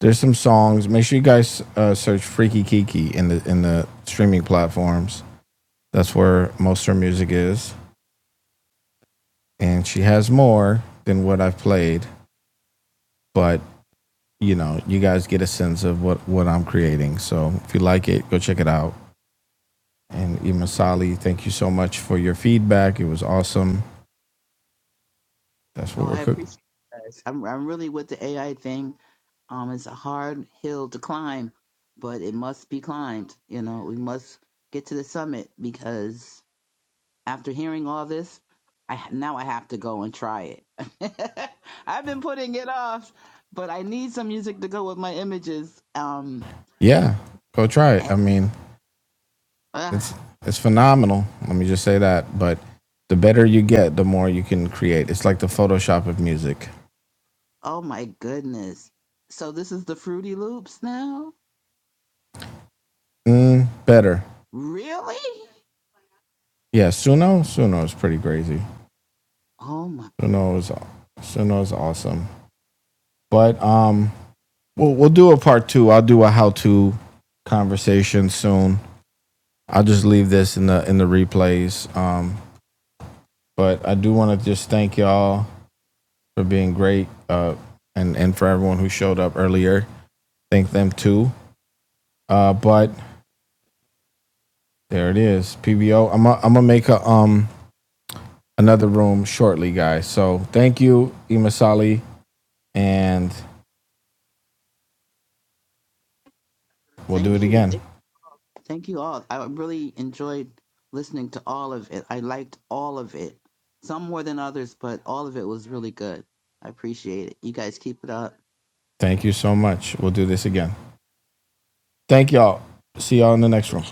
There's some songs. Make sure you guys uh, search Freaky Kiki in the in the streaming platforms. That's where most of her music is, and she has more than what I've played. But you know, you guys get a sense of what what I'm creating. So if you like it, go check it out. And Ima Sali, thank you so much for your feedback. It was awesome. That's
no,
what we're
I
cooking.
appreciate you guys. I'm, I'm really with the AI thing. Um, it's a hard hill to climb, but it must be climbed. You know, we must get to the summit because After hearing all this, I now I have to go and try it. I've been putting it off, but I need some music to go with my images. Um,
Yeah, go try it.
and,
I mean,
uh,
it's it's phenomenal. Let me just say that. But the better you get, the more you can create. It's like the Photoshop of music.
oh my goodness! So this is the Fruity Loops now.
Mm, better.
Really?
Yeah, Suno. Suno is pretty crazy.
Oh my!
Suno is Suno is awesome. But um, we'll we'll do a part two. I'll do a how to conversation soon. I'll just leave this in the in the replays. Um, but I do want to just thank y'all for being great. Uh, and and for everyone who showed up earlier, thank them too. Uh, but there it is, PBO. I'm i I'm gonna make a um another room shortly, guys. So thank you, Imasali, and We'll do
Thank
it
you,
again.
Th- thank you all. I really enjoyed listening to all of it. I liked all of it, some more than others, but all of it was really good. I appreciate it. You guys keep it up.
Thank you so much. We'll do this again. Thank y'all. See y'all in the next room.